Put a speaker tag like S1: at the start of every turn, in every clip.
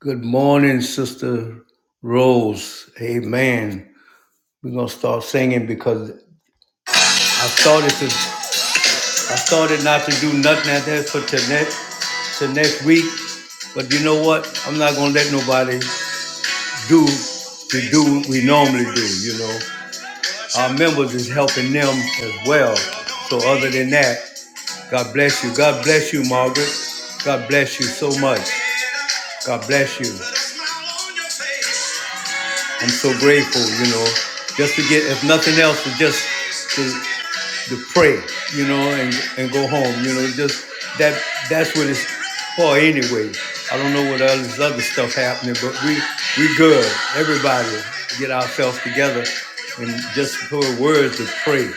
S1: Good morning, Sister Rose. Amen. We're gonna start singing because I started to I started not to do nothing at that for tonight to next week. But you know what? I'm not gonna let nobody do to do what we normally do, you know. Our members is helping them as well. So other than that, God bless you. God bless you, Margaret. God bless you so much. God bless you. I'm so grateful, you know, just to get, if nothing else, to just to to pray, you know, and, and go home. You know, just that that's what it's for anyway. I don't know what all this other stuff happening, but we we good. Everybody get ourselves together and just put words to pray.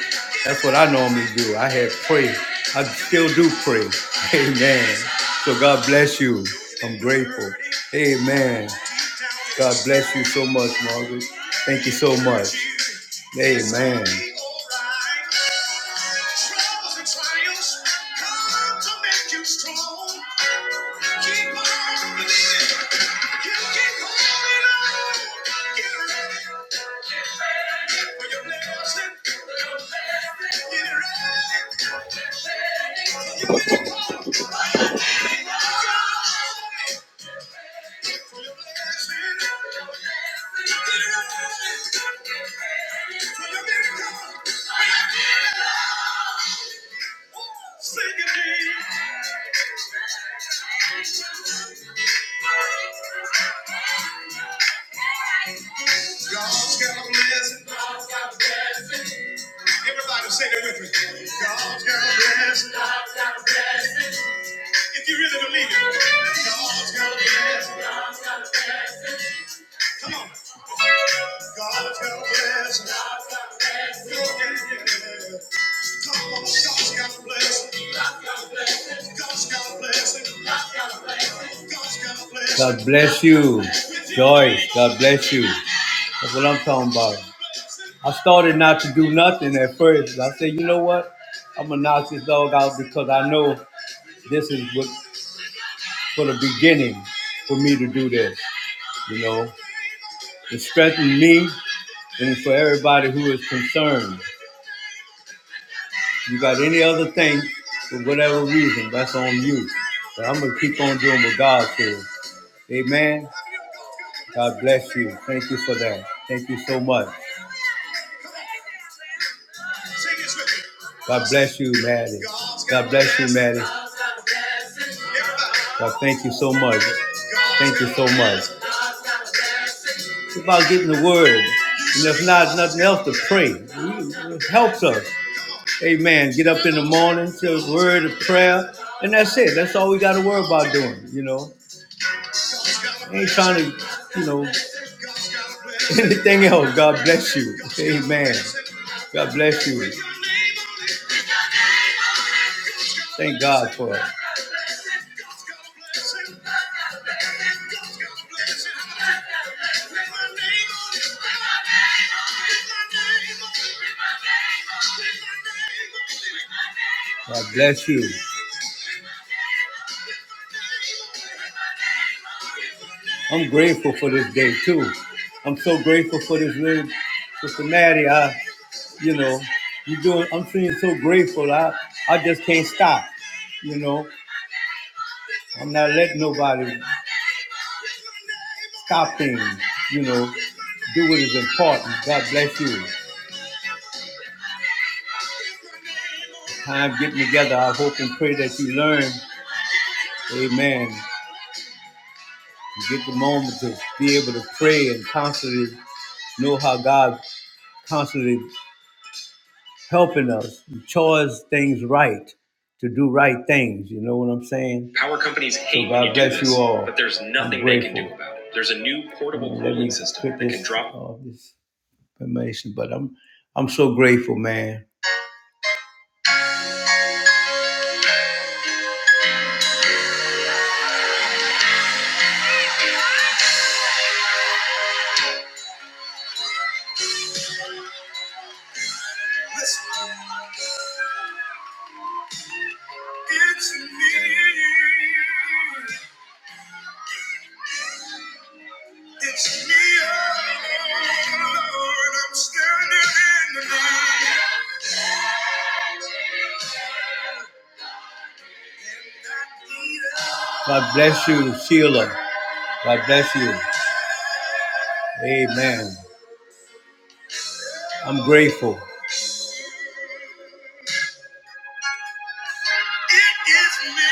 S1: That's what I normally do. I had pray. I still do pray. Amen. So God bless you. I'm grateful. Amen. God bless you so much, Margaret. Thank you so much. Amen. God's got a blessing. Everybody say it with me. God's got a blessing. God's got a blessing. If you really believe it. God's got a blessing. God's got a blessing. Come on. God's got a blessing. God's got a blessing. Yeah, yeah, yeah. Come on, God's got a blessing. God's got a blessing. God's got a blessing. God's got a blessing. God's got a blessing. God bless you, Joyce. God bless you. That's what I'm talking about. I started not to do nothing at first. I said, you know what? I'm gonna knock this dog out because I know this is what for the beginning for me to do this. You know, it strengthened me and for everybody who is concerned. You got any other thing for whatever reason, that's on you. But I'm gonna keep on doing what God says. Amen. God bless you. Thank you for that. Thank you so much. God bless you, Maddie. God bless you, Maddie. God, thank you so much. Thank you so much. It's about getting the word. And if not, nothing else to pray. It helps us. Amen. Get up in the morning, say a word of prayer. And that's it. That's all we got to worry about doing, you know. I Ain't trying to, you know, anything else. God bless you. Amen. God bless you. Thank God for it. God bless you. I'm grateful for this day too. I'm so grateful for this little Sister Maddie. I, you know, you doing. I'm feeling so grateful. I, I just can't stop. You know, I'm not letting nobody. Stop things, you know. Do what is important. God bless you. Time getting together. I hope and pray that you learn, amen. You get the moment to be able to pray and constantly know how God constantly helping us, chores things right, to do right things. You know what I'm saying? Power companies hate so when you do this, you all. But there's nothing they can do about it. There's a new portable cooling system quit that this, can drop all this information. But I'm I'm so grateful, man. it's me. It's me, Lord. I'm standing in the need. God bless you, Sheila. God bless you. Amen. I'm grateful. It is me.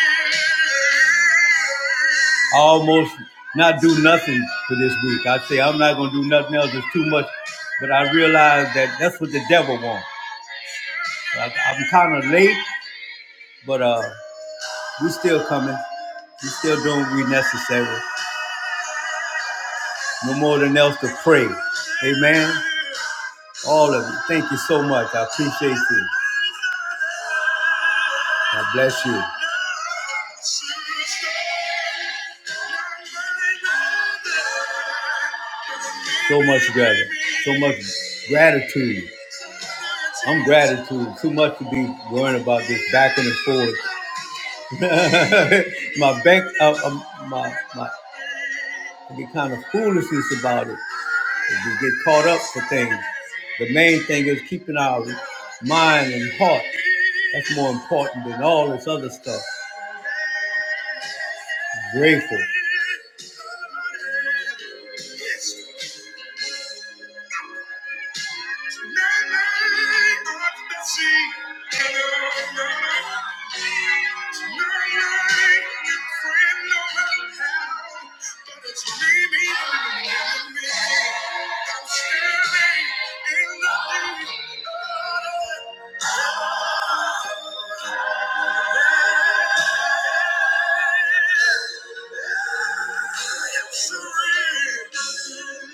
S1: I almost not do nothing for this week. I say I'm not gonna do nothing else. It's too much. But I realize that that's what the devil wants. I, I'm kind of late, but uh, we still coming. We still doing what we necessary. No more than else to pray. Amen. All of you. Thank you so much. I appreciate you. God bless you. So much gratitude. So much gratitude. I'm gratitude. Too much to be worrying about this back and forth. my bank, uh, um, my, my It'd be kind of foolishness about it. If we get caught up for things. The main thing is keeping our mind and heart. That's more important than all this other stuff. Grateful. Surrender.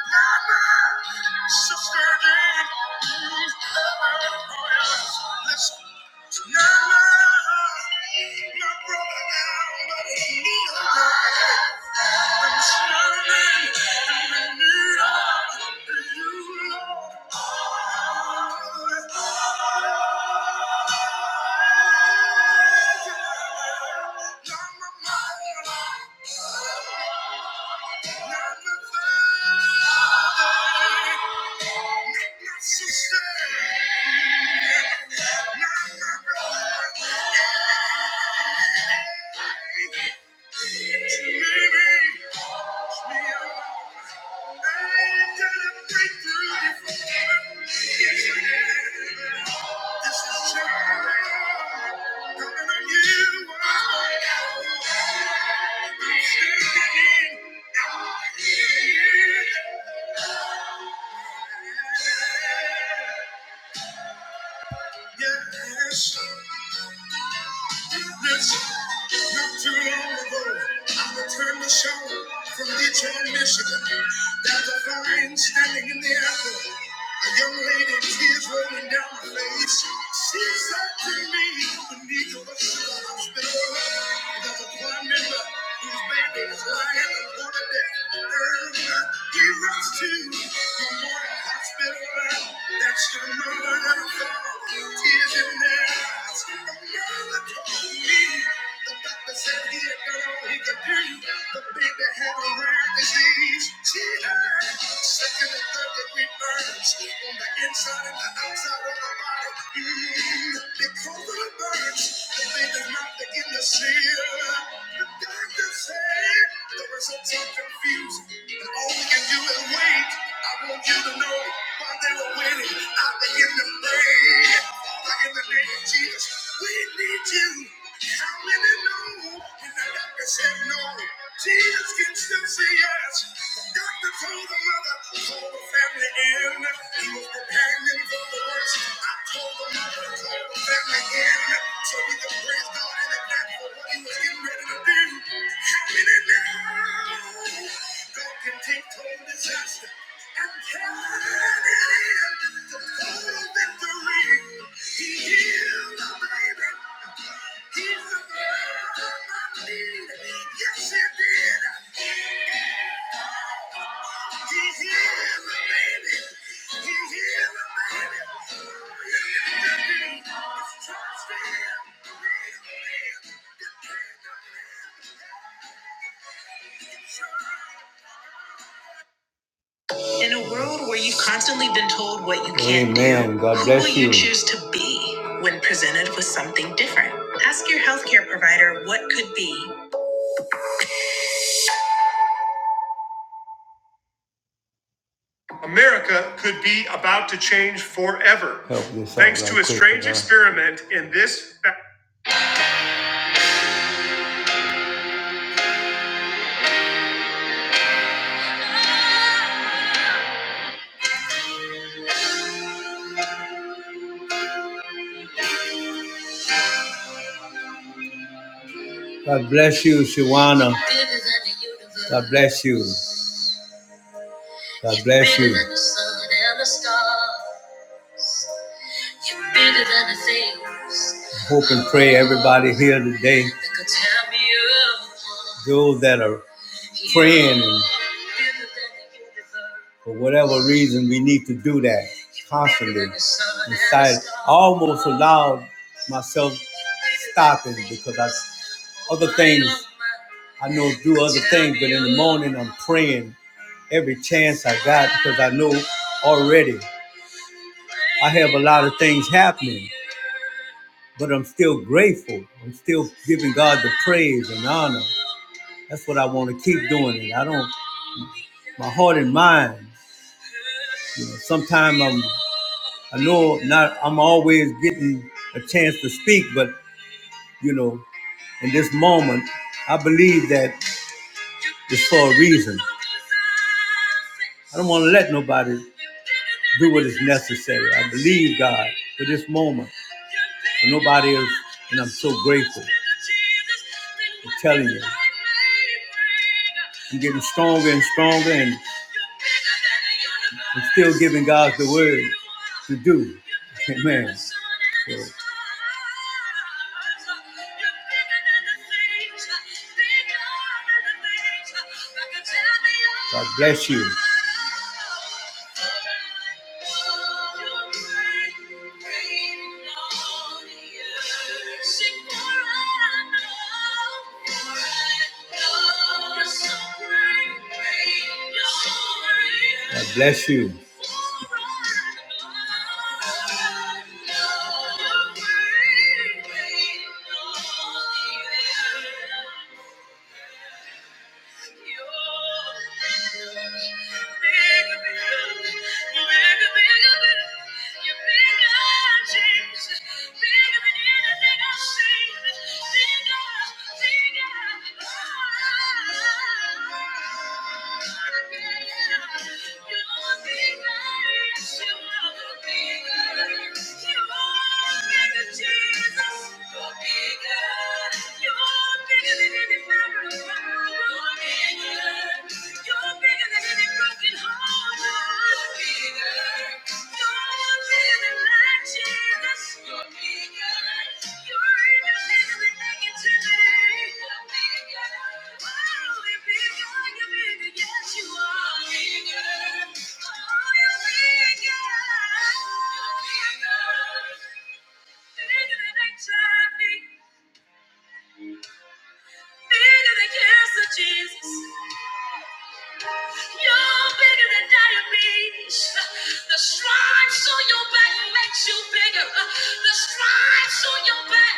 S1: Sister Jane, listen. my brother now, but he I'm standing in the need of you, Lord. Thank you. Yeah. Yes, yes. Not too long ago, I returned the show from Detroit, Michigan. There's a fine standing in the airport. A young lady, tears rolling down her face. She said to me, Benita, what's the hospital? There's a prime member whose baby is lying on the deck. Irma, you you rise to the morning hospital bed. That's your mother and father. Tears in their eyes. The mother told me. The doctor said he had done all he could do. The baby had a rare disease. She had second and third degree burns on the inside and the outside of her body. Mm, because of the burns, the baby's mouth began to the doctor said the results are confusing. But all we can do is wait. I want you to know while they were waiting, I began to pray. Father, in the name of Jesus, we need you. How many know? And the doctor said no. Jesus can still say yes. The doctor told the mother, call the family in. He was preparing them feel the worship. I told the mother to call the family in so he He He praise God in in advance for what he was getting ready to do. Happen it now. God can take total disaster and turn it in to do. victory. He healed the the baby. He fulfilled my need. Yes, He did. In a world where you've constantly been told what you can't Amen. do, God who bless will you. you choose to be when presented with something different? Ask your healthcare provider what could be America could be about to change forever. Thanks right to a strange man. experiment uh, in this. God bless you, Shawana. God bless you. God bless you. You're bigger than the things. Hope and pray everybody here today. Those that are praying and for whatever reason we need to do that constantly inside I almost allowed myself stopping because I other things I know do other things but in the morning I'm praying every chance I got because I know already I have a lot of things happening but I'm still grateful. I'm still giving God the praise and honor. That's what I want to keep doing. It. I don't. My heart and mind. You know, sometimes I'm. I know not. I'm always getting a chance to speak, but you know, in this moment, I believe that it's for a reason. I don't want to let nobody. do what is necessary. I believe, God, for this moment. For nobody else, and I'm so grateful. I'm telling you. I'm getting stronger and stronger, and I'm still giving God the word to do. Amen. So, God bless you. God bless you. You're Thank you. Jesus. Yes, Jesus. You're bigger than diabetes. The stripes on your back makes you bigger. The stripes on your back,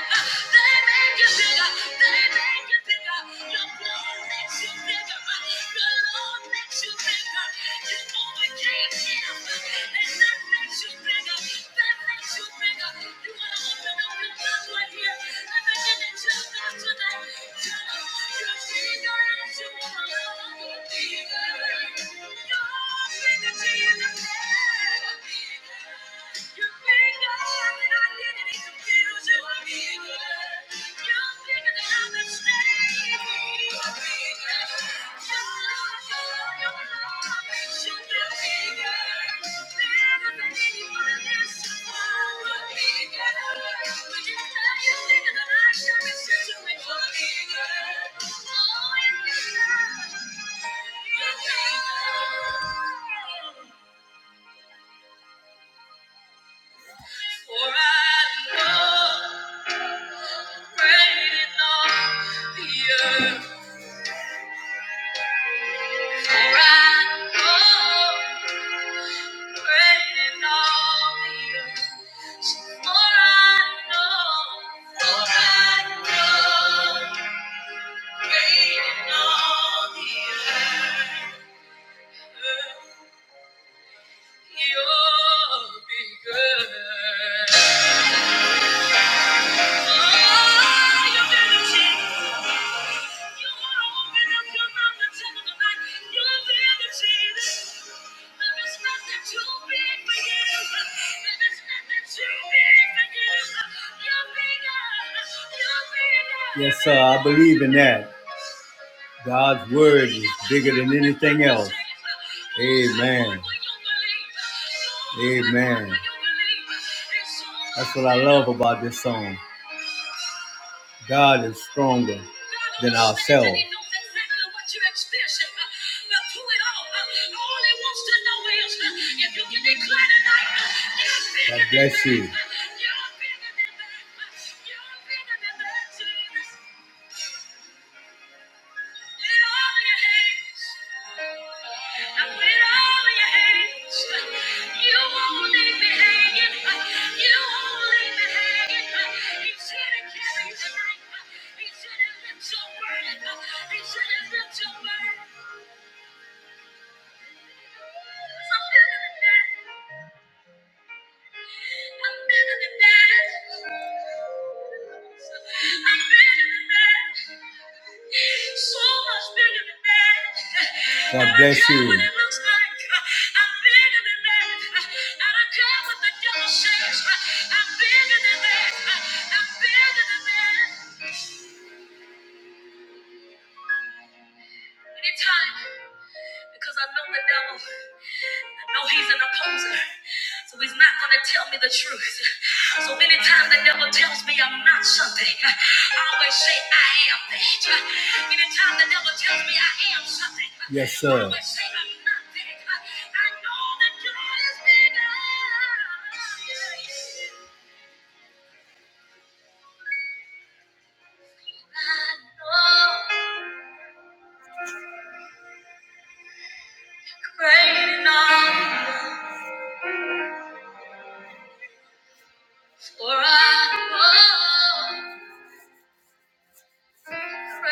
S1: they make you bigger. They make you bigger. Your blood makes you bigger. Your Lord makes you bigger. You overcame him, and that makes you bigger. That makes you bigger. You want to open up your mouth right here and begin to tell God today, God, you're bigger than you are. Thank you. are bigger for I know great in the earth. For I know great in the earth. For I know, for I know, great in the earth, you'll be good. Yes, sir, I believe in that. God's word is bigger than anything else. Amen. Amen. That's what I love about this song. God is stronger than ourselves. God bless you. Something in the net. I'm better than that. I'm better than that. So much better than that. I God don't bless care you. I don't care what it looks like. I'm better than that. I don't care what the devil says. I'm better than that. I'm better than that. Anytime, because I know the devil. No, he's an opposer. So he's not going to tell me the truth. So anytime the devil tells me I'm not something, I always say I am that. Anytime the devil tells me I am something, yes, sir. I always say I'm not that. I know that God is bigger. I know great enough, for I know great enough.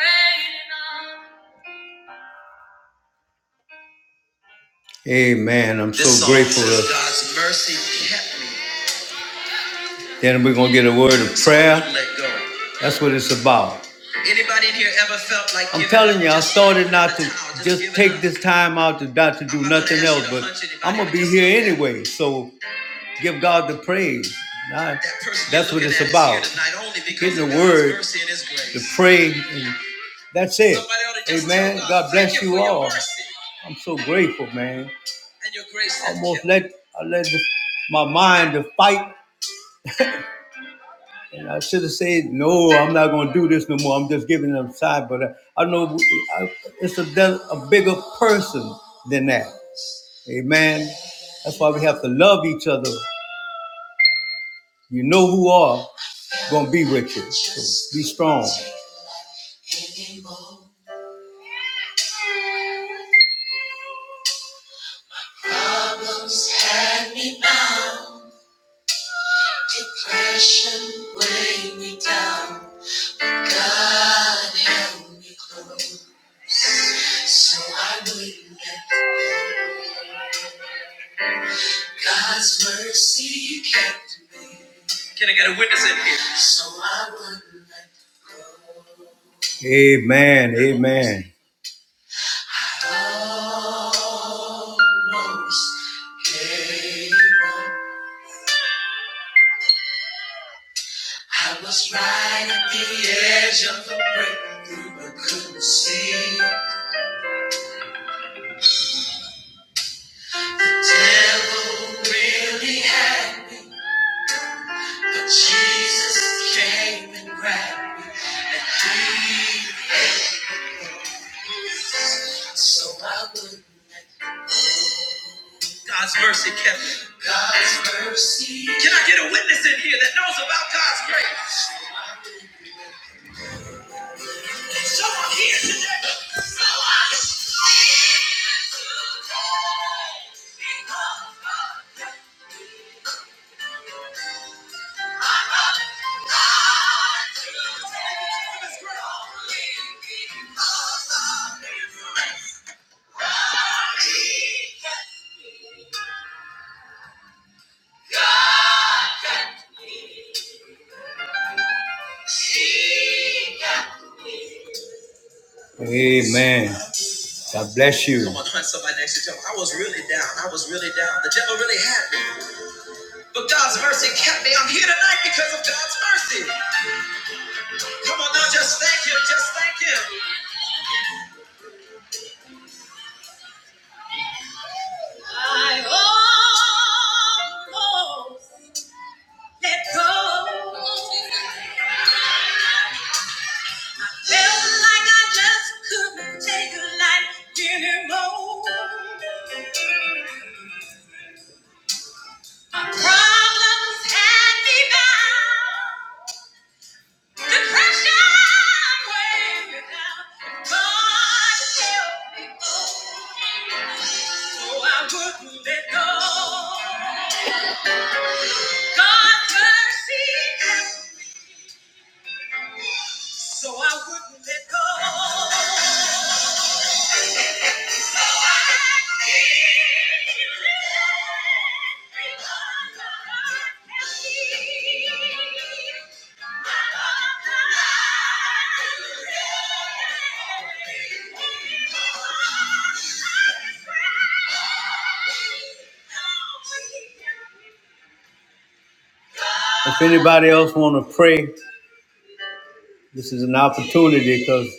S1: Amen. I'm this so song grateful. says God's mercy kept me. Then we're gonna get a word of prayer. That's what it's about. Anybody in here ever felt like I'm telling you, I started not to just take this time out to not to do nothing else, but I'm gonna be here anyway. So give God the praise. Now, that's what it's about. tonight Getting the word, the pray, and that's it. Amen. God bless you all. I'm so grateful, man. And your grace. I almost let I let the, my mind to fight and I should have said, no, I'm not going to do this no more. I'm just giving them side. But I, I know I, it's a, a bigger person than that. Amen. That's why we have to love each other. You know who are going to be with you. So be strong. Amen. Amen. I was right at the edge of the breakthrough, but couldn't see. really So God's mercy kept me. God's mercy. Can I get a witness in here that knows about God's grace? There's Someone here today. So I live today because of my mother, God the Amen. God bless you. Come on, find somebody next to you. I was really down. I was really down. The devil really had me. But God's mercy kept me. I'm here tonight because of God's mercy. Come on now, just thank Him. Just thank Him. Felt like I just couldn't take life anymore. Problems had me bound. If anybody else want to pray, this is an opportunity because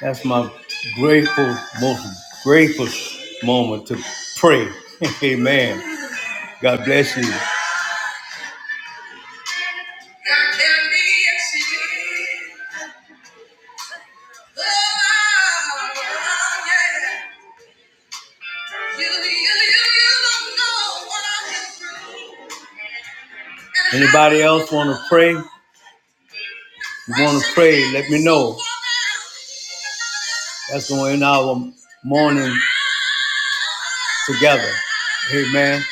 S1: that's my grateful, most grateful moment to pray. Amen. God bless you. Anybody else want to pray? You want to pray? Let me know. That's going to end our morning together. Amen.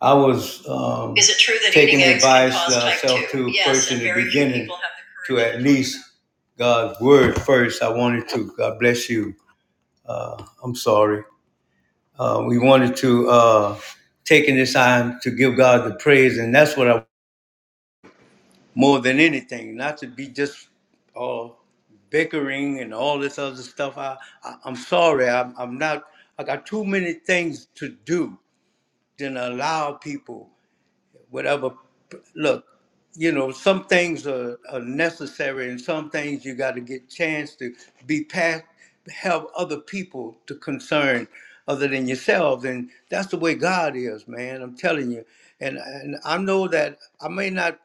S1: I was um, taking advice uh, myself to yes, first in the beginning to at least God's word first. I wanted to, God bless you. I'm sorry. Uh, we wanted to uh, taking this time to give God the praise, and that's what I more than anything, not to be just all bickering and all this other stuff. I, I I'm sorry. I'm, I'm not. I got too many things to do than allow people. whatever. Look, you know, some things are, are necessary, and some things you got to get chance to be past, help other people to concern other than yourself. And that's the way God is, man. I'm telling you. And and I know that I may not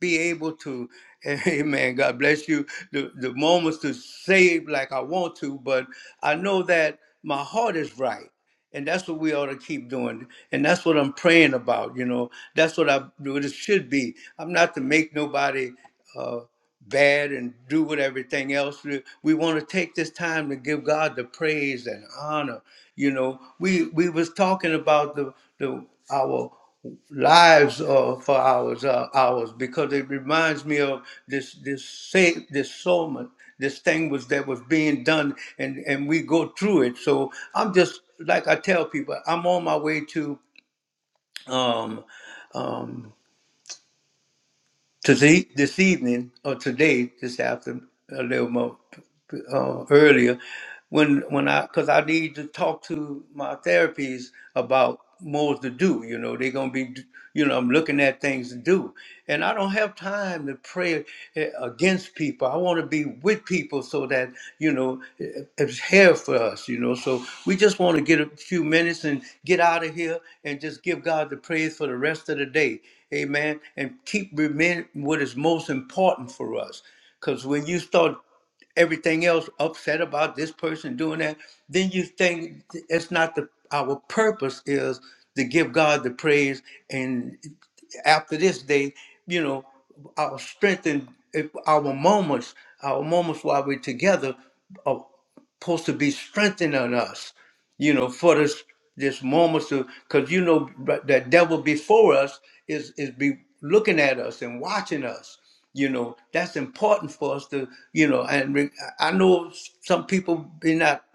S1: be able to, amen, God bless you, the, the moments to save like I want to, but I know that my heart is right. And that's what we ought to keep doing. And that's what I'm praying about, you know. That's what I what it should be. I'm not to make nobody uh, bad and do what everything else. We, we want to take this time to give God the praise and honor. You know, we we was talking about the the our lives uh, for hours uh, hours because it reminds me of this this say this sermon this thing was that was being done and and we go through it so i'm just like i tell people i'm on my way to um um to see this evening, or today, this after a little more uh, earlier, when when I because I need to talk to my therapies about more to do. You know, they're gonna be, you know, I'm looking at things to do, and I don't have time to pray. uh, against people. I want to be with people so that, you know, it- it's here for us, you know. So we just want to get a few minutes and get out of here and just give God the praise for the rest of the day. Amen. And keep remembering what is most important for us. Because when you start everything else upset about this person doing that, then you think it's not the our purpose is to give God the praise and after this day, you know, our strength and if our moments, our moments while we're together are supposed to be strengthening us, you know, for this this moments to because you know but the devil before us is is be looking at us and watching us. You know, that's important for us to, you know, and re- I I know some people be not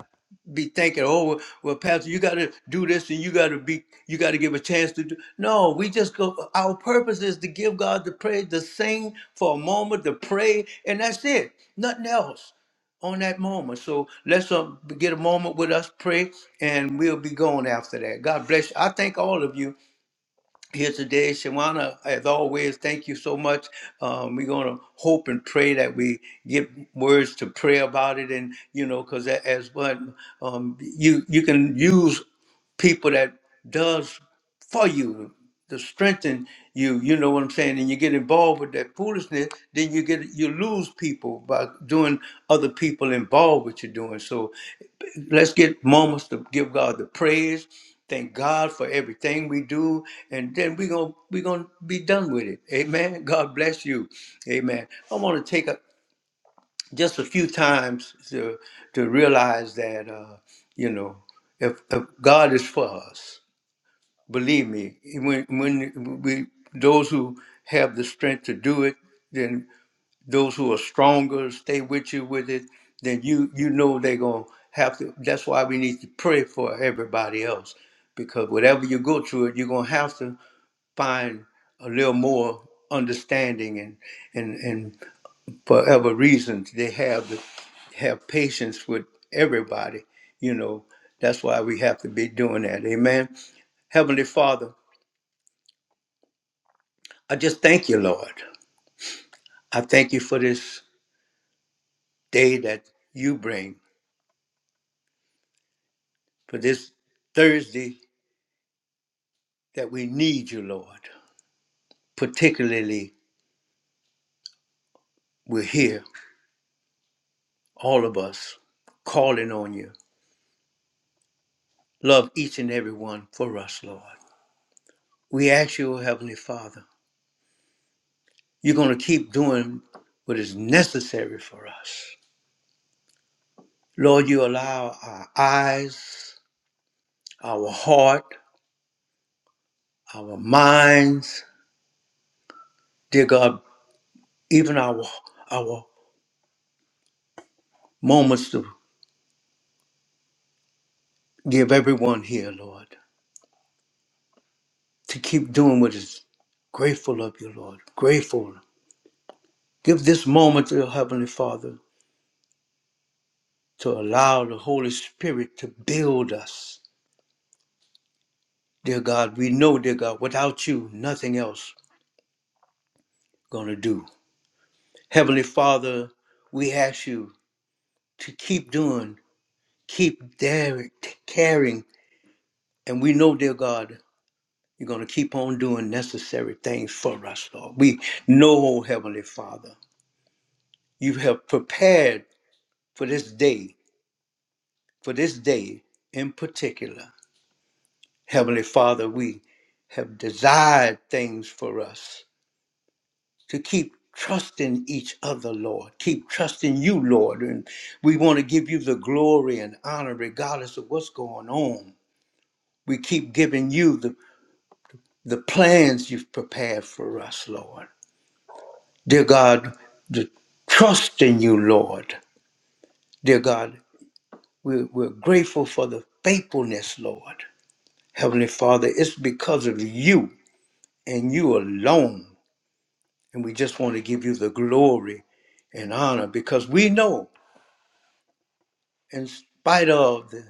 S1: be thinking, oh, well, well, Pastor, you got to do this and you got to be, you got to give a chance to do. No, we just go. Our purpose is to give God the praise, to sing for a moment, to pray, and that's it. Nothing else on that moment. So let's um, get a moment with us, pray, and we'll be going after that. God bless you. I thank all of you here today. Shawana, as always, thank you so much. Um, we're going to hope and pray that we get words to pray about it. And, you know, because as what um, you, you can use people that does for you to strengthen you, you know what I'm saying, and you get involved with that foolishness, then you get you lose people by doing other people involved with you doing. So let's get moments to give God the praise. Thank God for everything we do, and then we're gonna we're gonna be done with it. Amen. God bless you. Amen. I want to take a, just a few times to to realize that uh, you know if, if God is for us, believe me, when when we those who have the strength to do it, then those who are stronger stay with you with it, then you you know they're gonna have to. That's why we need to pray for everybody else, because whatever you go through, it you're gonna have to find a little more understanding and and and for other reasons they have to have patience with everybody. You know that's why we have to be doing that. Amen. Heavenly Father, I just thank you, Lord. I thank you for this day that you bring. for this Thursday that we need you, Lord. Particularly, we're here, all of us, calling on you. Love each and every one for us, Lord. We ask you, Heavenly Father, you're going to keep doing what is necessary for us. Lord, you allow our eyes, our heart, our minds, dear God, even our, our moments to give everyone here, Lord. to keep doing what is grateful of you, Lord. Grateful. Give this moment, dear Heavenly Father, to allow the Holy Spirit to build us. Dear God, we know, dear God, without you, nothing else gonna do. Heavenly Father, we ask you to keep doing, keep daring, caring, and we know, dear God, you're gonna keep on doing necessary things for us, Lord. We know, Heavenly Father, you have prepared for this day for this day in particular. Heavenly Father, we have desired things for us to keep trusting each other, Lord. Keep trusting you, Lord. And we want to give you the glory and honor regardless of what's going on. We keep giving you the, the plans you've prepared for us, Lord. Dear God, the trust in you, Lord. Dear God, we're, we're grateful for the faithfulness, Lord. Heavenly Father, it's because of you and you alone. And we just want to give you the glory and honor because we know, in spite of the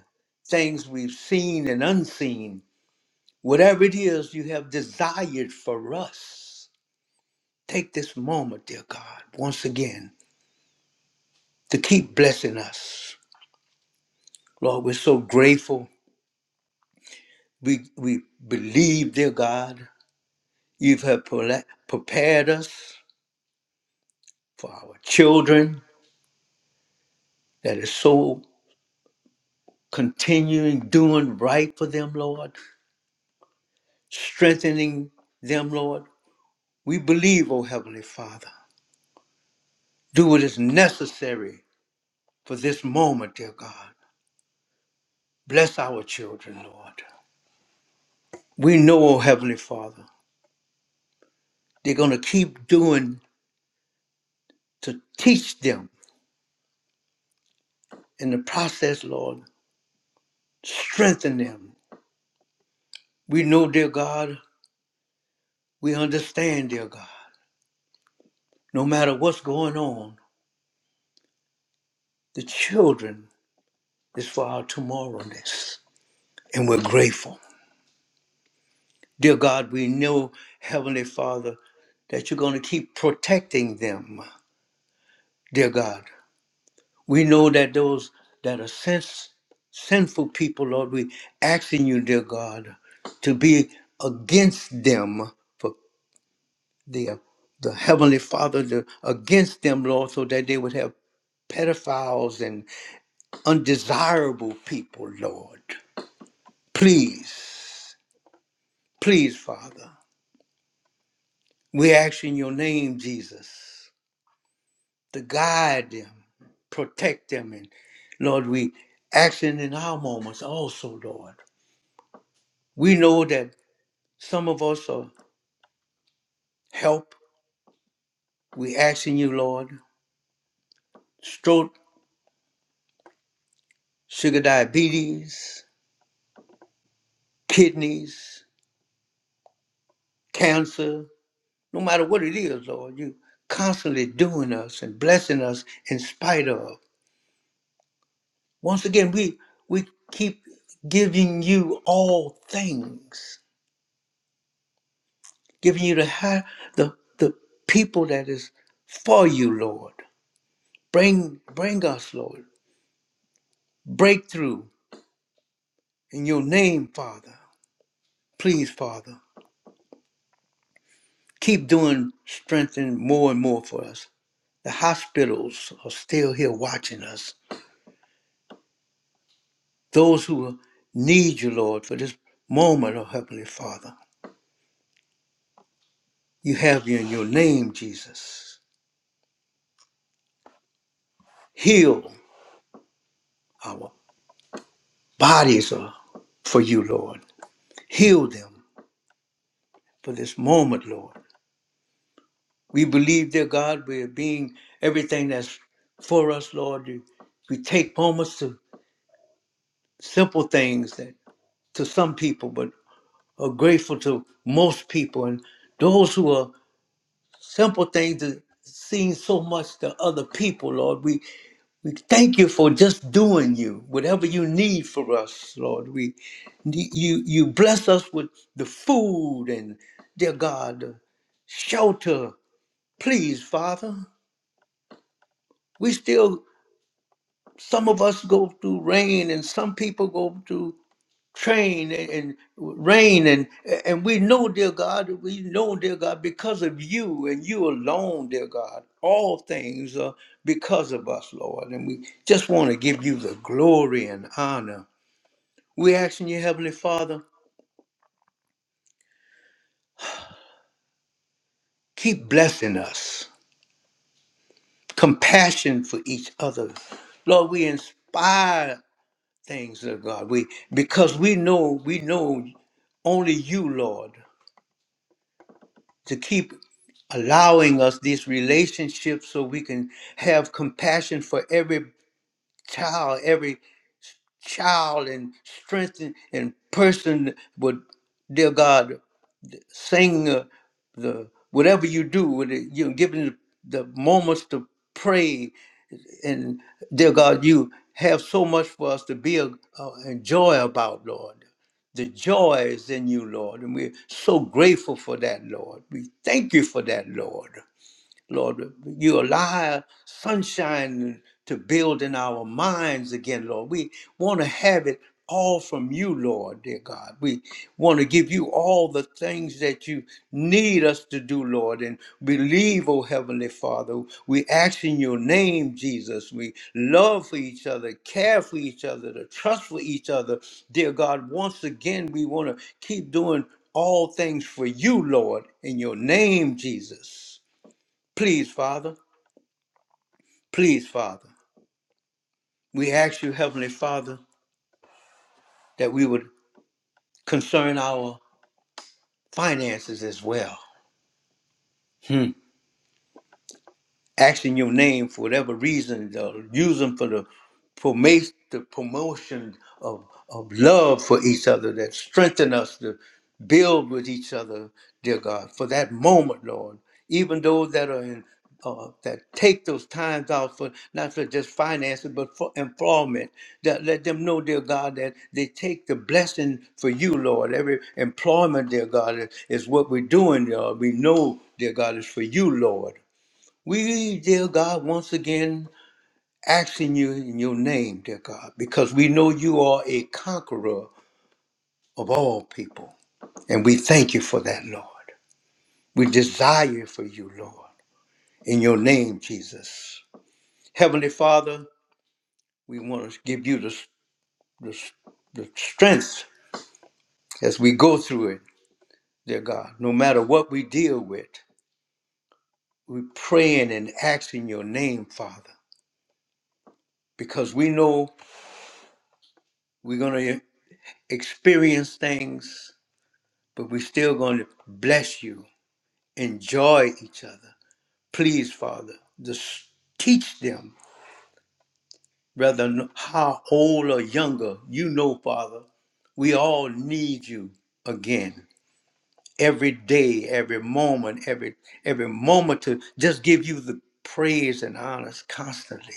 S1: things we've seen and unseen, whatever it is you have desired for us, take this moment, dear God, once again to keep blessing us. Lord, we're so grateful. We, we believe, dear God, you have pre- prepared us for our children that is so continuing doing right for them, Lord, strengthening them, Lord. We believe, O Heavenly Father, do what is necessary for this moment, dear God. Bless our children, Lord. We know, O Heavenly Father, they're going to keep doing to teach them in the process, Lord. Strengthen them. We know, dear God, we understand, dear God, no matter what's going on, the children is for our tomorrowness. And we're grateful. Dear God, we know, Heavenly Father, that you're going to keep protecting them. Dear God, we know that those that are sins, sinful people, Lord, we asking you, dear God, to be against them for the the Heavenly Father to, against them, Lord, so that they would have pedophiles and undesirable people, Lord. Please, please, Father, we ask in your name, Jesus. to guide them, protect them. And Lord, we action in our moments also, Lord. We know that some of us are help. We asking you, Lord, stroke, sugar diabetes, kidneys, cancer, no matter what it is, Lord, you constantly doing us and blessing us in spite of. Once again, we we keep giving you all things. giving you the high, the the people that is for you, Lord. Bring bring us, Lord, breakthrough in your name, Father. Please, Father, keep doing strengthening more and more for us. The hospitals are still here watching us. Those who need you, Lord, for this moment, oh Heavenly Father. You have you in your name, Jesus. Heal our bodies oh, for you, Lord. Heal them for this moment, Lord. We believe, dear God, we are being everything that's for us, Lord. We take moments to simple things that to some people, but are grateful to most people. And those who are simple things that seem so much to other people, Lord, we, we thank you for just doing you, whatever you need for us, Lord. We you you bless us with the food and dear God, the shelter. Please, Father. We still some of us go through rain and some people go through train and, and rain and and we know dear god we know dear god because of you and you alone dear god all things are because of us lord and we just want to give you the glory and honor we asking you heavenly father keep blessing us compassion for each other lord we inspire things dear god we because we know we know only you, Lord. to keep allowing us these relationships so we can have compassion for every child, every child, and strengthen and person would, dear God, sing uh, the whatever you do, with it, you know, given the moments to pray, and dear God, you have so much for us to be a, uh, enjoy about, Lord. The joy is in you, Lord, and we're so grateful for that, Lord. We thank you for that, Lord. Lord, you allow sunshine to build in our minds again, Lord. We want to have it all from you, Lord, dear God. We want to give you all the things that you need us to do, Lord, and believe, oh Heavenly Father. We ask in your name, Jesus. We love for each other, care for each other, to trust for each other. Dear God, once again, we want to keep doing all things for you, Lord, in your name, Jesus. Please, Father, please, Father, we ask you, Heavenly Father, that we would concern our finances as well. Hmm. asking your name for whatever reason, uh, use them for the promotion, the promotion of, of love for each other that strengthen us to build with each other, dear God, for that moment, Lord. Even those that are in uh, that take those times out for not for just finances but for employment. That let them know, dear God, that they take the blessing for you, Lord. Every employment, dear God, is, is what we're doing, Lord. We know, dear God, is for you, Lord. We, dear God, once again asking you in your name, dear God, because we know you are a conqueror of all people. And we thank you for that, Lord. We desire for you, Lord, in your name, Jesus. Heavenly Father, we want to give you the, the, the strength as we go through it, dear God. No matter what we deal with, we're praying and asking your name, Father, because we know we're going to experience things but we're still going to bless you, enjoy each other. Please, Father, just teach them, whether how old or younger, you know, Father, we all need you again every day, every moment, every every moment to just give you the praise and honors constantly.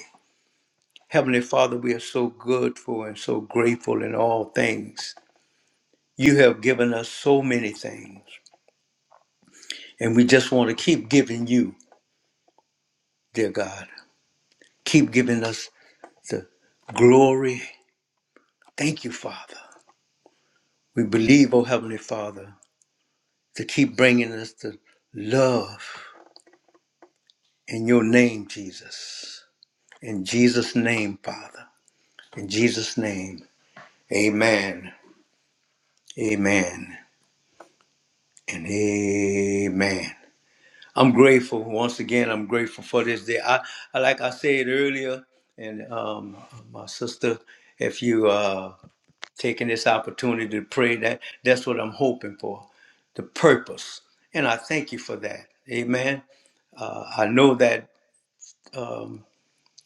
S1: Heavenly Father, we are so good for and so grateful in all things. You have given us so many things, and we just want to keep giving you, dear God. Keep giving us the glory. Thank you, Father. We believe, oh Heavenly Father, to keep bringing us the love in your name, Jesus. In Jesus' name, Father. In Jesus' name. Amen. Amen. And amen. I'm grateful. Once again, I'm grateful for this day. I, I like I said earlier, and um, my sister, if you uh, taking this opportunity to pray that that's what I'm hoping for, the purpose. And I thank you for that. Amen. Uh, I know that, um,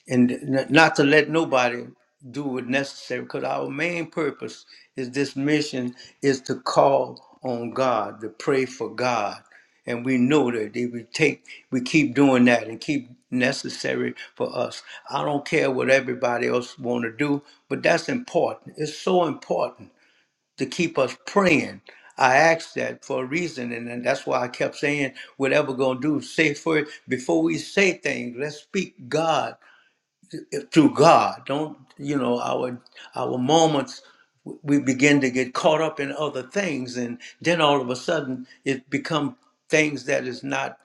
S1: and n- not to let nobody do what necessary, because our main purpose is this mission is to call on God, to pray for God. And we know that if we take, we keep doing that and keep necessary for us. I don't care what everybody else want to do, but that's important. It's so important to keep us praying. I asked that for a reason, and, and that's why I kept saying, whatever we're gonna do, say first before we say things, let's speak God eh, through God. Don't you know our our moments we begin to get caught up in other things and then all of a sudden it become things that is not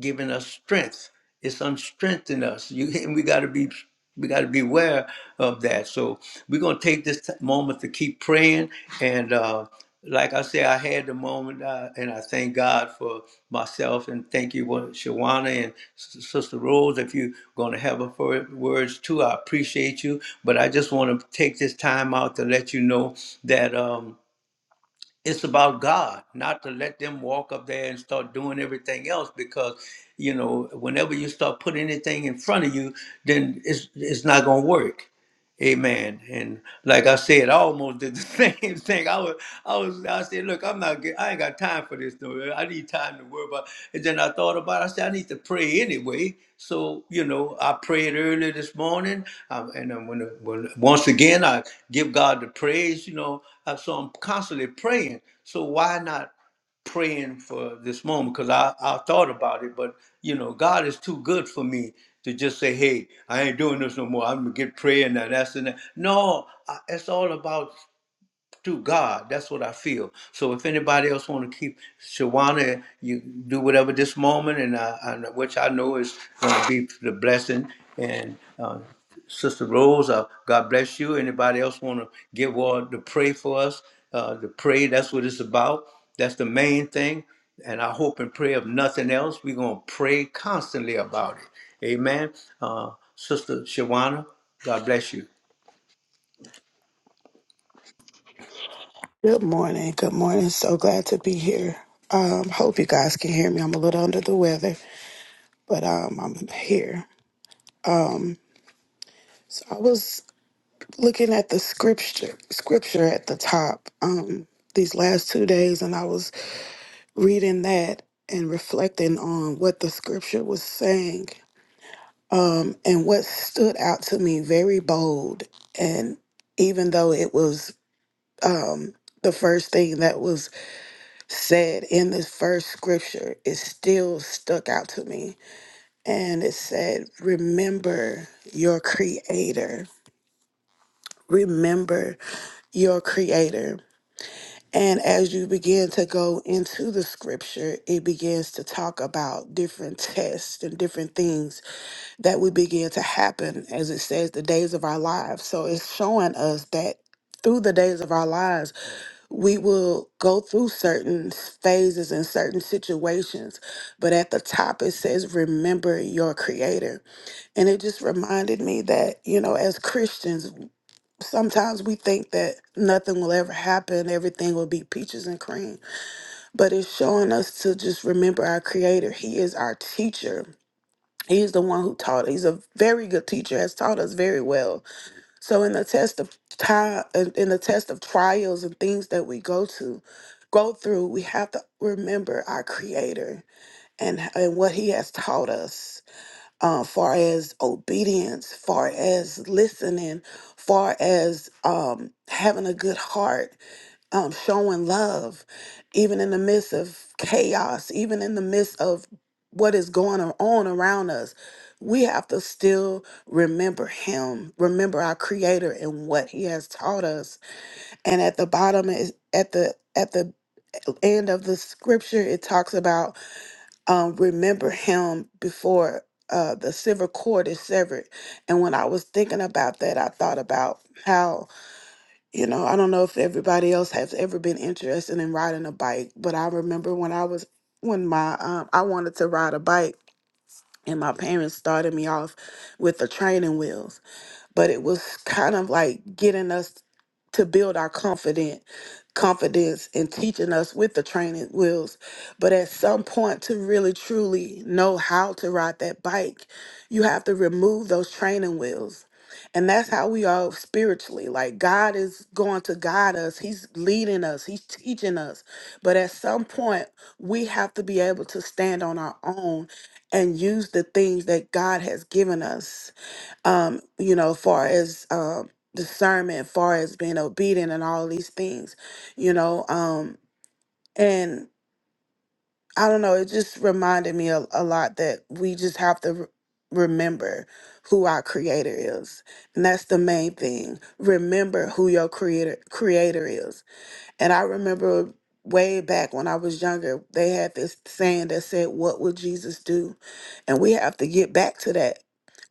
S1: giving us strength. It's unstrengthening us. You and we got to be we got to beware of that. So we're gonna take this t- moment to keep praying. And uh, like I say, I had the moment, uh, and I thank God for myself and thank you, Wa- Shawana and S- Sister Rose. If you're gonna have a fir- words too, I appreciate you. But I just want to take this time out to let you know that. Um, it's about God, not to let them walk up there and start doing everything else because you know whenever you start putting anything in front of you, then it's it's not gonna work. Amen. And like I said, I almost did the same thing. I was, I was, I said, look, I'm not, get, I ain't got time for this though. I need time to worry about. And then I thought about. It. I said, I need to pray anyway. So you know, I prayed earlier this morning, um, and then when, when once again I give God the praise. You know, I, so I'm constantly praying. So why not? praying for this moment because I, I thought about it, but you know, God is too good for me to just say, hey, I ain't doing this no more. I'm gonna get prayer and that, that's and that. No, I, it's all about through God. That's what I feel. So if anybody else want to keep Shawana, you do whatever this moment, and I, I, which I know is going to be the blessing. And uh, Sister Rose, uh, God bless you. Anybody else want to give word to pray for us? Uh, to pray, that's what it's about. That's the main thing. And I hope and pray of nothing else. We're going to pray constantly about it. Amen. Uh, Sister Shawana, God bless you.
S2: Good morning. Good morning. So glad to be here. Um, hope you guys can hear me. I'm a little under the weather, but um, I'm here. Um, so I was looking at the scripture scripture at the top um, these last two days, and I was reading that and reflecting on what the scripture was saying. Um, and what stood out to me very bold, and even though it was um, the first thing that was said in this first scripture, it still stuck out to me. And it said, Remember your creator. Remember your creator. And as you begin to go into the scripture, it begins to talk about different tests and different things that we begin to happen, as it says, the days of our lives. So it's showing us that through the days of our lives, we will go through certain phases and certain situations, but at the top it says, Remember your Creator. And it just reminded me that, you know, as Christians, sometimes we think that nothing will ever happen, everything will be peaches and cream, but it's showing us to just remember our Creator. He is our teacher. He is the one who taught. He's a very good teacher, has taught us very well so in the test of time, in the test of trials and things that we go to, go through, we have to remember our Creator and and what He has taught us, uh, far as obedience, far as listening, far as um, having a good heart um, showing love, even in the midst of chaos, even in the midst of what is going on around us. We have to still remember Him, remember our Creator and what He has taught us. And at the bottom is at the at the end of the scripture, it talks about um, remember Him before uh, the silver cord is severed. And when I was thinking about that, I thought about how you know, I don't know if everybody else has ever been interested in riding a bike, but I remember when I was when my um I wanted to ride a bike and my parents started me off with the training wheels but it was kind of like getting us to build our confident confidence and teaching us with the training wheels but at some point to really truly know how to ride that bike you have to remove those training wheels and that's how we are spiritually like god is going to guide us he's leading us he's teaching us but at some point we have to be able to stand on our own and use the things that god has given us um, you know, far as um discernment, far as being obedient and all these things, you know, um, and I don't know, it just reminded me a, a lot that we just have to re- remember who our creator is. And that's the main thing. Remember who your creator creator is and I remember way back when I was younger, they had this saying that said, What would Jesus do? And we have to get back to that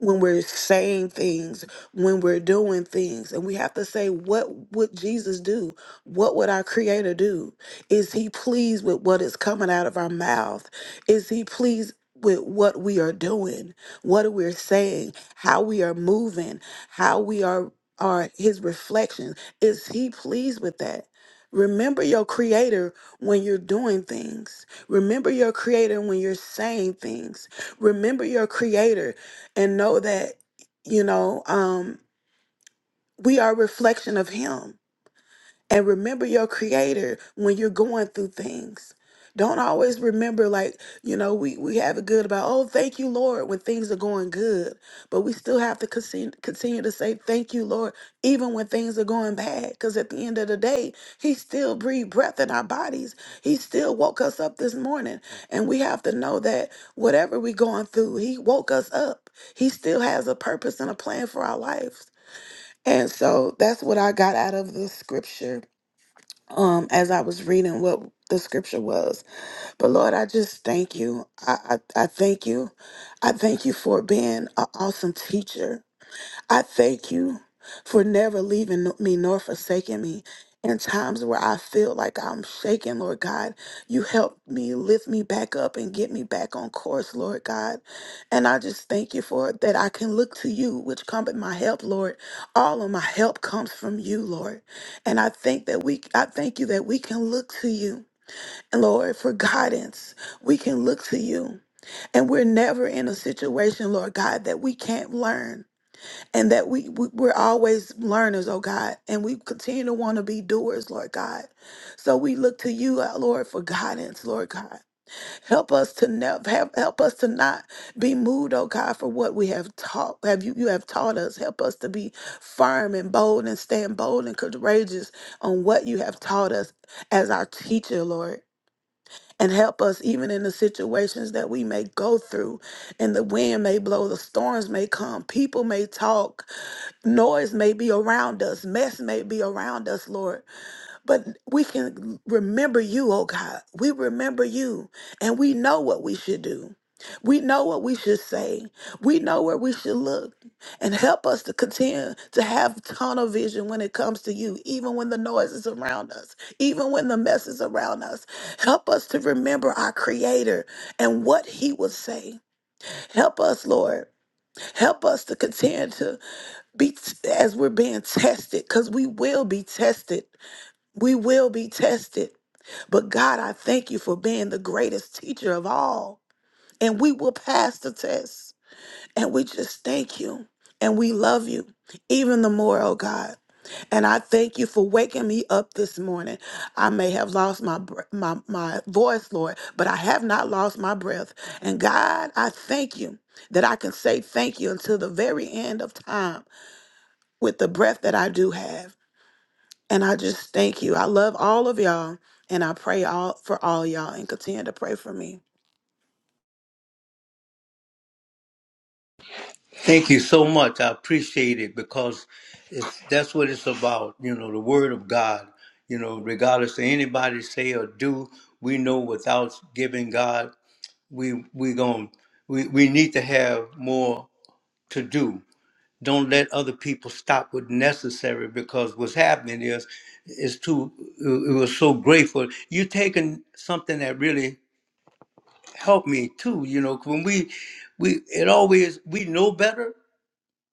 S2: when we're saying things, when we're doing things. And we have to say, What would Jesus do? What would our Creator do? Is He pleased with what is coming out of our mouth? Is He pleased? With what we are doing, what we're saying, how we are moving, how we are are his reflection? Is he pleased with that? Remember your creator when you're doing things. Remember your creator when you're saying things. Remember your creator and know that, you know, um, we are a reflection of him and remember your creator when you're going through things. Don't always remember, like, you know, we, we have it good about, oh, thank you, Lord, when things are going good. But we still have to continue, continue to say, thank you, Lord, even when things are going bad. Because at the end of the day, He still breathed breath in our bodies. He still woke us up this morning. And we have to know that whatever we're going through, He woke us up. He still has a purpose and a plan for our lives. And so that's what I got out of the scripture um as I was reading what the scripture was. But Lord, I just thank you. I I, I thank you. I thank you for being an awesome teacher. I thank you for never leaving no, me nor forsaking me. In times where I feel like I'm shaking, Lord God, you help me lift me back up and get me back on course, Lord God. And I just thank you for it, that I can look to you, which cometh my help, Lord. All of my help comes from you, Lord. And I think that we I thank you that we can look to you, Lord, for guidance. We can look to you. And we're never in a situation, Lord God, that we can't learn and that we, we we're always learners oh god and we continue to want to be doers lord god so we look to you uh, lord for guidance lord god help us to never help, help us to not be moved oh god for what we have taught have you you have taught us help us to be firm and bold and stand bold and courageous on what you have taught us as our teacher lord and help us even in the situations that we may go through and the wind may blow the storms may come people may talk Noise may be around us, mess may be around us, Lord, but we can remember you, oh God. We remember you, and we know what we should do. We know what we should say. We know where we should look. And help us to continue to have tunnel vision when it comes to you, even when the noise is around us, even when the mess is around us. Help us to remember our Creator and what He would say. Help us, Lord. Help us to continue to be as we're being tested because we will be tested we will be tested but god i thank you for being the greatest teacher of all and we will pass the test and we just thank you and we love you even the more oh god and i thank you for waking me up this morning i may have lost my br- my my voice lord but i have not lost my breath and god i thank you that i can say thank you until the very end of time with the breath that I do have. And I just thank you. I love all of y'all, and I pray all for all y'all, and continue to pray for me.
S1: Thank you so much. I appreciate it because it's, that's what it's about. You know, the Word of God. You know, regardless of anybody say or do, we know without giving God, we we going we we need to have more to do. Don't let other people stop what's necessary because what's happening is is too. It it was so grateful. You taking something that really helped me too. You know, when we we it always we know better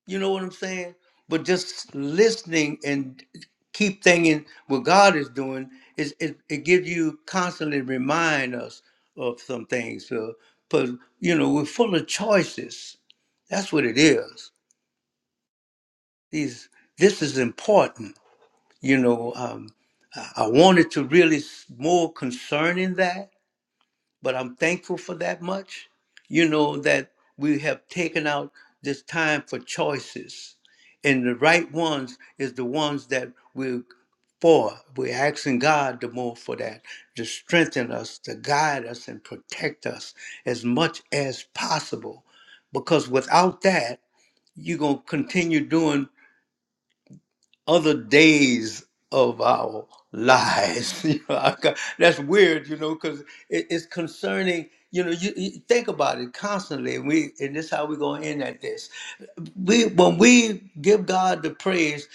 S1: you know what I'm saying? But just listening and keep thinking what God is doing is it, it gives you constantly remind us of some things. So, but you know, we're full of choices. That's what it is. These this is important. You know, um, I I wanted to really s- more concerning that but I'm thankful for that much. You know, that we have taken out this time for choices. And the right ones is the ones that we're for. We're asking God the more for that, to strengthen us, to guide us, and protect us as much as possible. Because without that, you're going to continue doing other days of our lives. You know, I ca- that's weird, you know, because it, it's concerning. You know, you, you think about it constantly, and we and this how we're going to end at this. We when we give God the praise,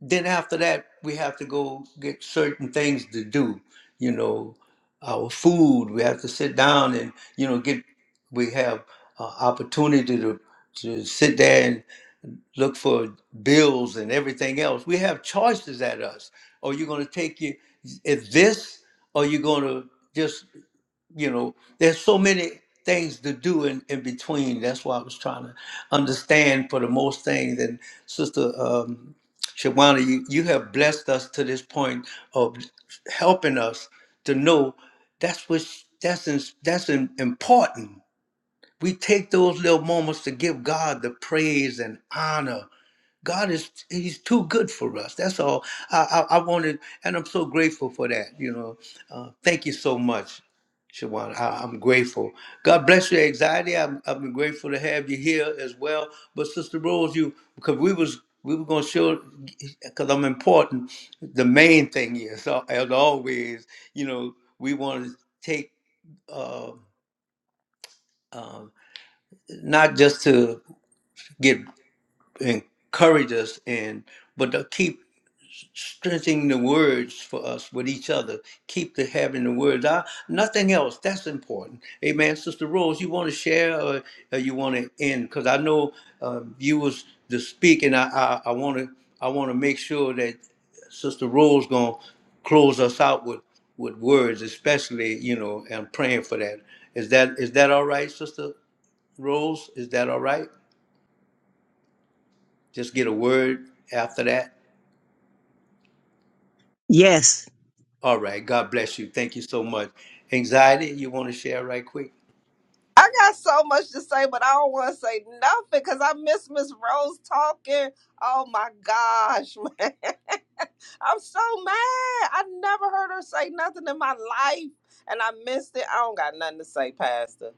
S1: then after that we have to go get certain things to do. You know, our food. We have to sit down and you know get. We have uh, opportunity to to sit there look for bills and everything else. We have choices at us. Are you going to take you if this? Or you going to just you know? There's so many things to do in, in between. That's why I was trying to understand for the most things. And Sister um, Shawana, you, you have blessed us to this point of helping us to know that's what that's in, that's in, important. We take those little moments to give God the praise and honor God is He's too good for us. That's all I, I, I wanted, and I'm so grateful for that. You know, uh, thank you so much, Shawan. I, I'm grateful. God bless your anxiety. I'm, I'm grateful to have you here as well. But Sister Rose, you because we was we were gonna show because I'm important. The main thing is, uh, as always, you know, we want to take uh, um, not just to get encourage us and but to keep strengthening the words for us with each other. Keep the having the words. I, nothing else. That's important. Amen. Sister Rose, you want to share or, or you want to end? Because I know uh, you was to speak, and I I want to I want to make sure that Sister Rose gonna close us out with with words, especially you know. And I'm praying for that. Is that is that all right, Sister Rose? Is that all right? Just get a word after that.
S3: Yes.
S1: All right. God bless you. Thank you so much. Anxiety, you want to share right quick?
S4: I got so much to say, but I don't want to say nothing because I miss Miss Rose talking. Oh my gosh, man. I'm so mad. I never heard her say nothing in my life and I missed it. I don't got nothing to say, Pastor.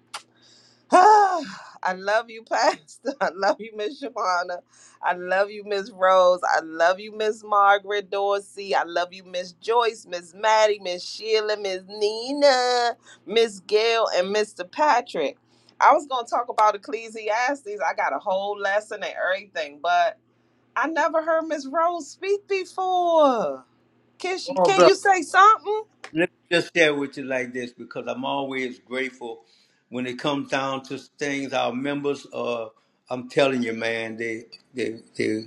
S4: I love you, Pastor. I love you, Miss Shawana. I love you, Miss Rose. I love you, Miss Margaret Dorsey. I love you, Miss Joyce, Miss Maddie, Miss Sheila, Miss Nina, Miss Gail, and Mr. Patrick. I was going to talk about Ecclesiastes. I got a whole lesson and everything, but I never heard Miss Rose speak before. Can she? Can you say something?
S1: Let me just share with you like this because I'm always grateful when it comes down to things. Our members, uh, I'm telling you, man, they they they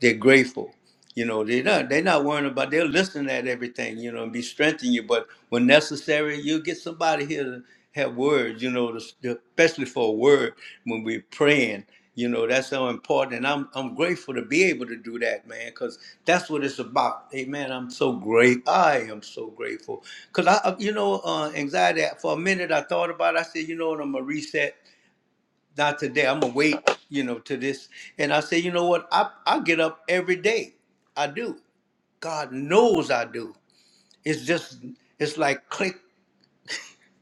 S1: they're grateful. You know, they're not they're not worrying about they'll listen at everything, you know, and be strengthening you. But when necessary, you get somebody here to have words, you know, to, especially for a word when we're praying. You know, that's so important. And I'm I'm grateful to be able to do that, man, because that's what it's about. Amen. I'm so great. I am so grateful. Cause I I- you know, uh anxiety for a minute I thought about it, I said, you know what, I'm gonna reset not today. I'm gonna wait, you know, to this. And I say, you know what? I I get up every day. I do. God knows I do. It's just it's like click,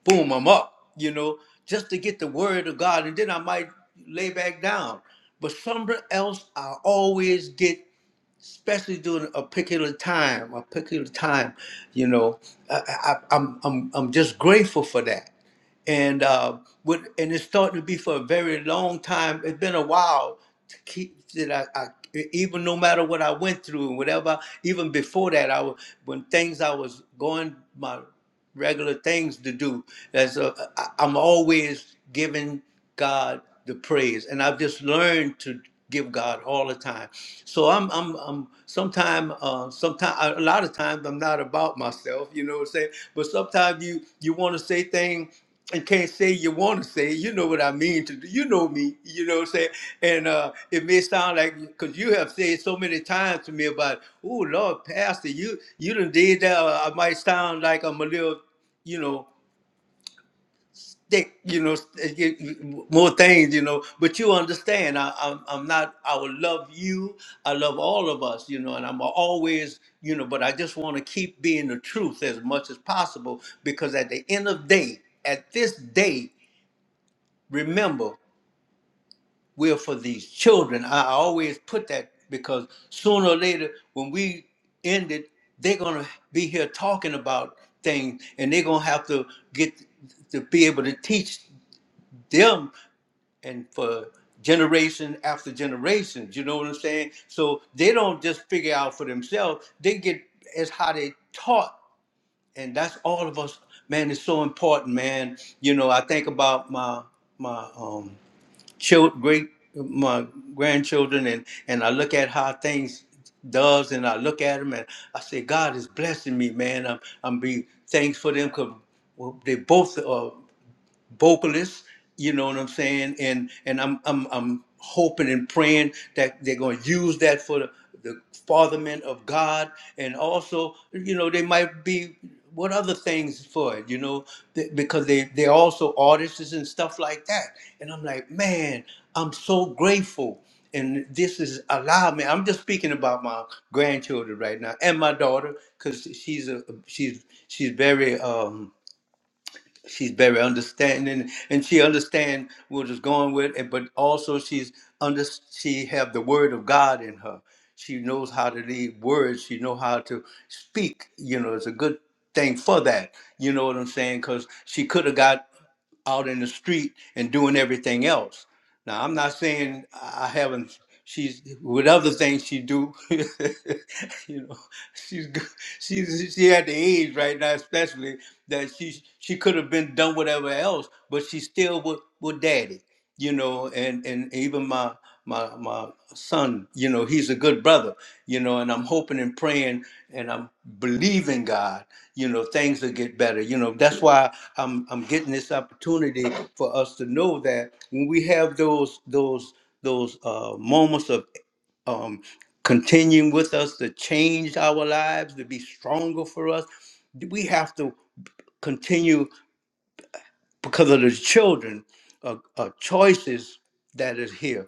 S1: boom, I'm up, you know, just to get the word of God, and then I might lay back down. But somewhere else, I always get, especially during a particular time, a particular time, you know, I, I, I'm I'm I'm just grateful for that and uh, with, and it's starting to be for a very long time. It's been a while to keep that I, I e, even no matter what I went through and whatever. Even before that, I was when things I was going my regular things to do. As a, I, I'm always giving. God the praise. And I've just learned to give God all the time. So I'm I'm I'm Sometimes, uh sometime a lot of times I'm not about myself, you know what I'm saying? But sometimes you you want to say things and can't say you want to say. You know what I mean to do. You know me. You know what I'm saying. And uh, it may sound like because you have said so many times to me about, oh Lord, Pastor, you you done did that. Or I might sound like I'm a little, you know they, you know, eh, get- more things, you know. But you understand, I, I'm, I'm not. I will love you. I love all of us, you know. And I'm always, you know. But I just want to keep being the truth as much as possible because at the end of the day, at this day, remember we're for these children. I I always put that because sooner or later, when we end it, they're gonna be here talking about things, and they're gonna have to get to be able to teach them and for generation after generations. You know what I'm saying? So they don't just figure out for themselves. They get as how they taught, and that's all of us. Man, it's so important, man. You know, I think about my my um child, great my grandchildren, and and I look at how things does, and I look at them, and I say, God is blessing me, man. I'm I'm be thanks for them because well, they both are vocalists. You know what I'm saying? And and I'm I'm I'm hoping and praying that they're going to use that for the, the fatherment of God, and also you know they might be what other things for it, you know, th- because they they're also artists and stuff like that. And I'm like, man, I'm so grateful. And this is allowed me. I'm just speaking about my grandchildren right now and my daughter, because she's a she's she's very um she's very understanding and she understand what is going with it but also she's under she have the word of god in her she knows how to lead words she know how to speak you know it's a good thing for that you know what i'm saying because she could have got out in the street and doing everything else. Now I'm not saying I haven't. She's with other things she do. you know, she's go- she's she at the age right now, especially that she she could have been done whatever else, but she's still with with daddy. You know, and and even my my my son you know he's a good brother you know and i'm hoping and praying and i'm believing god you know things will get better you know that's why i'm i'm getting this opportunity for us to know that when we have those those those uh moments of um continuing with us to change our lives to be stronger for us we have to continue because of the children uh, uh, choices that is here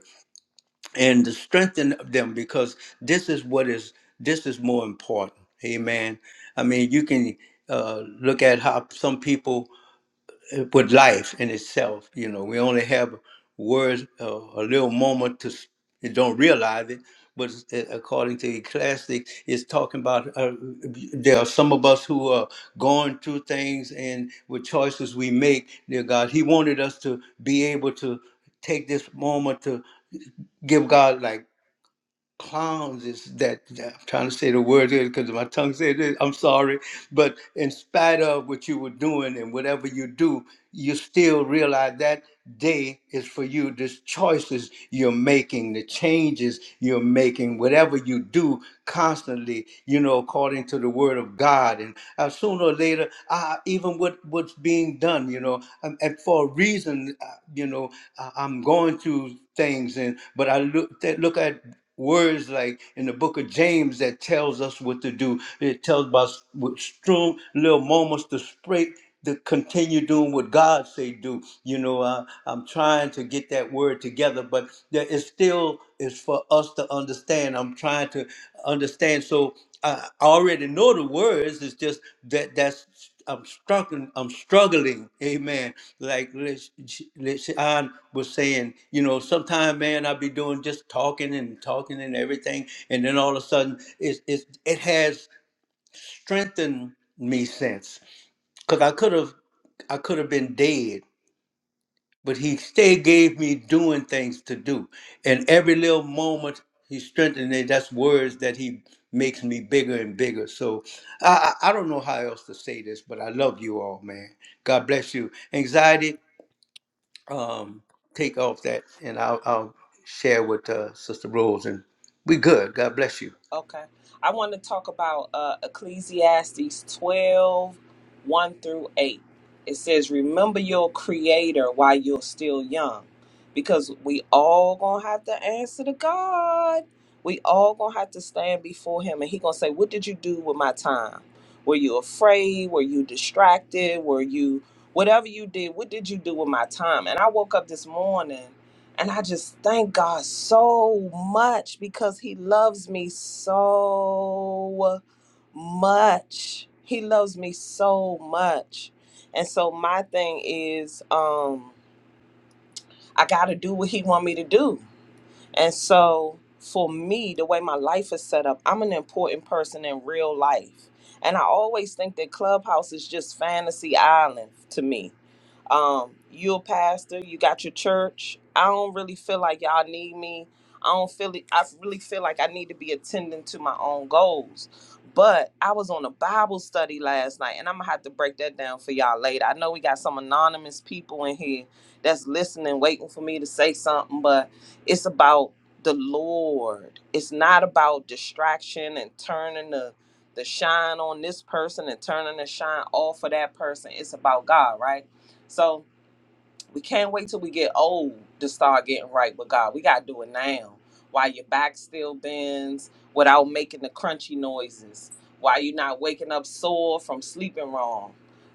S1: and to strengthen them because this is what is this is more important amen i mean you can uh, look at how some people uh, with life in itself you know we only have words uh, a little moment to s- you don't realize it but it's- uh, according to Ecclesiastes, it's talking about uh, there are some of us who are going through things and with choices we make, dear God, He wanted us to be able to take this moment to give God like clowns is that I'm trying to say the word here because my tongue said it. I'm sorry, but in spite of what you were doing and whatever you do, you still realize that day is for you. The choices you're making, the changes you're making, whatever you do constantly, you know, according to the word of God. And uh, sooner or later, uh, even what what's being done, you know, and, and for a reason, uh, you know, I, I'm going through things, and but I look that look at words like in the book of James that tells us what to do. It tells us with strong little moments to spray to continue doing what God say do. You know, uh, I'm trying to get that word together, but there is still is for us to understand. I'm trying to understand. So I I already know the words. It's just that that's I'm struggling. I'm struggling. Amen. Like Liz- Lishan was saying, you know, sometimes, man, i be doing just talking and talking and everything, and then all of a sudden, it it it has strengthened me since, because I could have, I could have been dead but he still gave me doing things to do. And every little moment he strengthened me. That's words that he makes me bigger and bigger. So I, I I don't know how else to say this, but I love you all, man. God bless you. Anxiety, um, take off that, and I'll, I'll share with uh, Sister Rose, and we good. God bless you.
S4: Okay. I want to talk about uh, Ecclesiastes twelve, one through 8. It says, Remember your creator while you're still young, because we all going to have to answer to God. We all going to have to stand before him, and he going to say, What did you do with my time? Were you afraid? Were you distracted? Were you, whatever you did, what did you do with my time? And I woke up this morning and I just thank God so much because He loves me so much. He loves me so much. And so my thing is, um, I gotta do what He want me to do. And so for me, the way my life is set up, I'm an important person in real life. And I always think that Clubhouse is just fantasy island to me um, you a pastor, you got your church. I don't really feel like y'all need me. I don't feel it. I really feel like I need to be attending to my own goals. But I was on a Bible study last night, and I'm gonna have to break that down for y'all later. I know we got some anonymous people in here that's listening, waiting for me to say something, but it's about the Lord. It's not about distraction and turning the the shine on this person and turning the shine off of that person. It's about God, right? So we can't wait till we get old to start getting right with God. We gotta do it now. While your back still bends, without making the crunchy noises, while you're not waking up sore from sleeping wrong.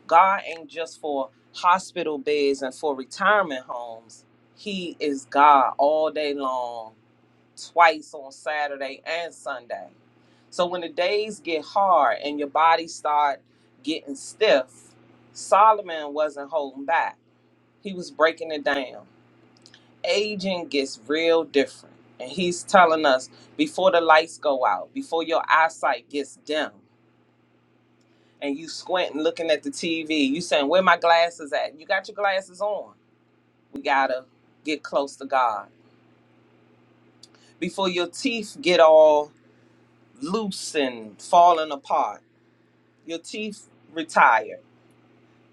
S4: God ain't just for hospital beds and for retirement homes. He is God all day long, twice on Saturday and Sunday. So when the days get hard and your body start getting stiff, Solomon wasn't holding back he was breaking it down. Aging gets real different. And he's telling us before the lights go out, before your eyesight gets dim, and you squinting looking at the TV, you saying, Where my glasses at? You got your glasses on. We gotta get close to God. Before your teeth get all loose and falling apart, your teeth retire.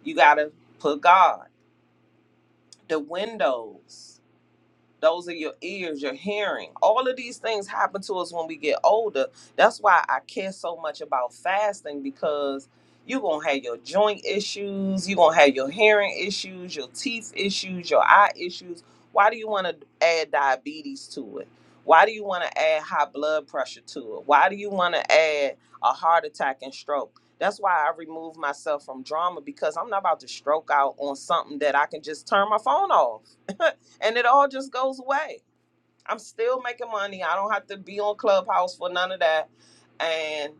S4: You gotta put God. The windows. those are your ears, your hearing. All of these things happen to us when we get older. That's why I care so much about fasting because you're going to have your joint issues, you're going to have your hearing issues, your teeth issues, your eye issues. Why do you want to add diabetes to it? Why do you want to add high blood pressure to it? Why do you want to add a heart attack and stroke? That's why I remove myself from drama because I'm not about to stroke out on something that I can just turn my phone off. and it all just goes away. I'm still making money. I don't have to be on Clubhouse for none of that. And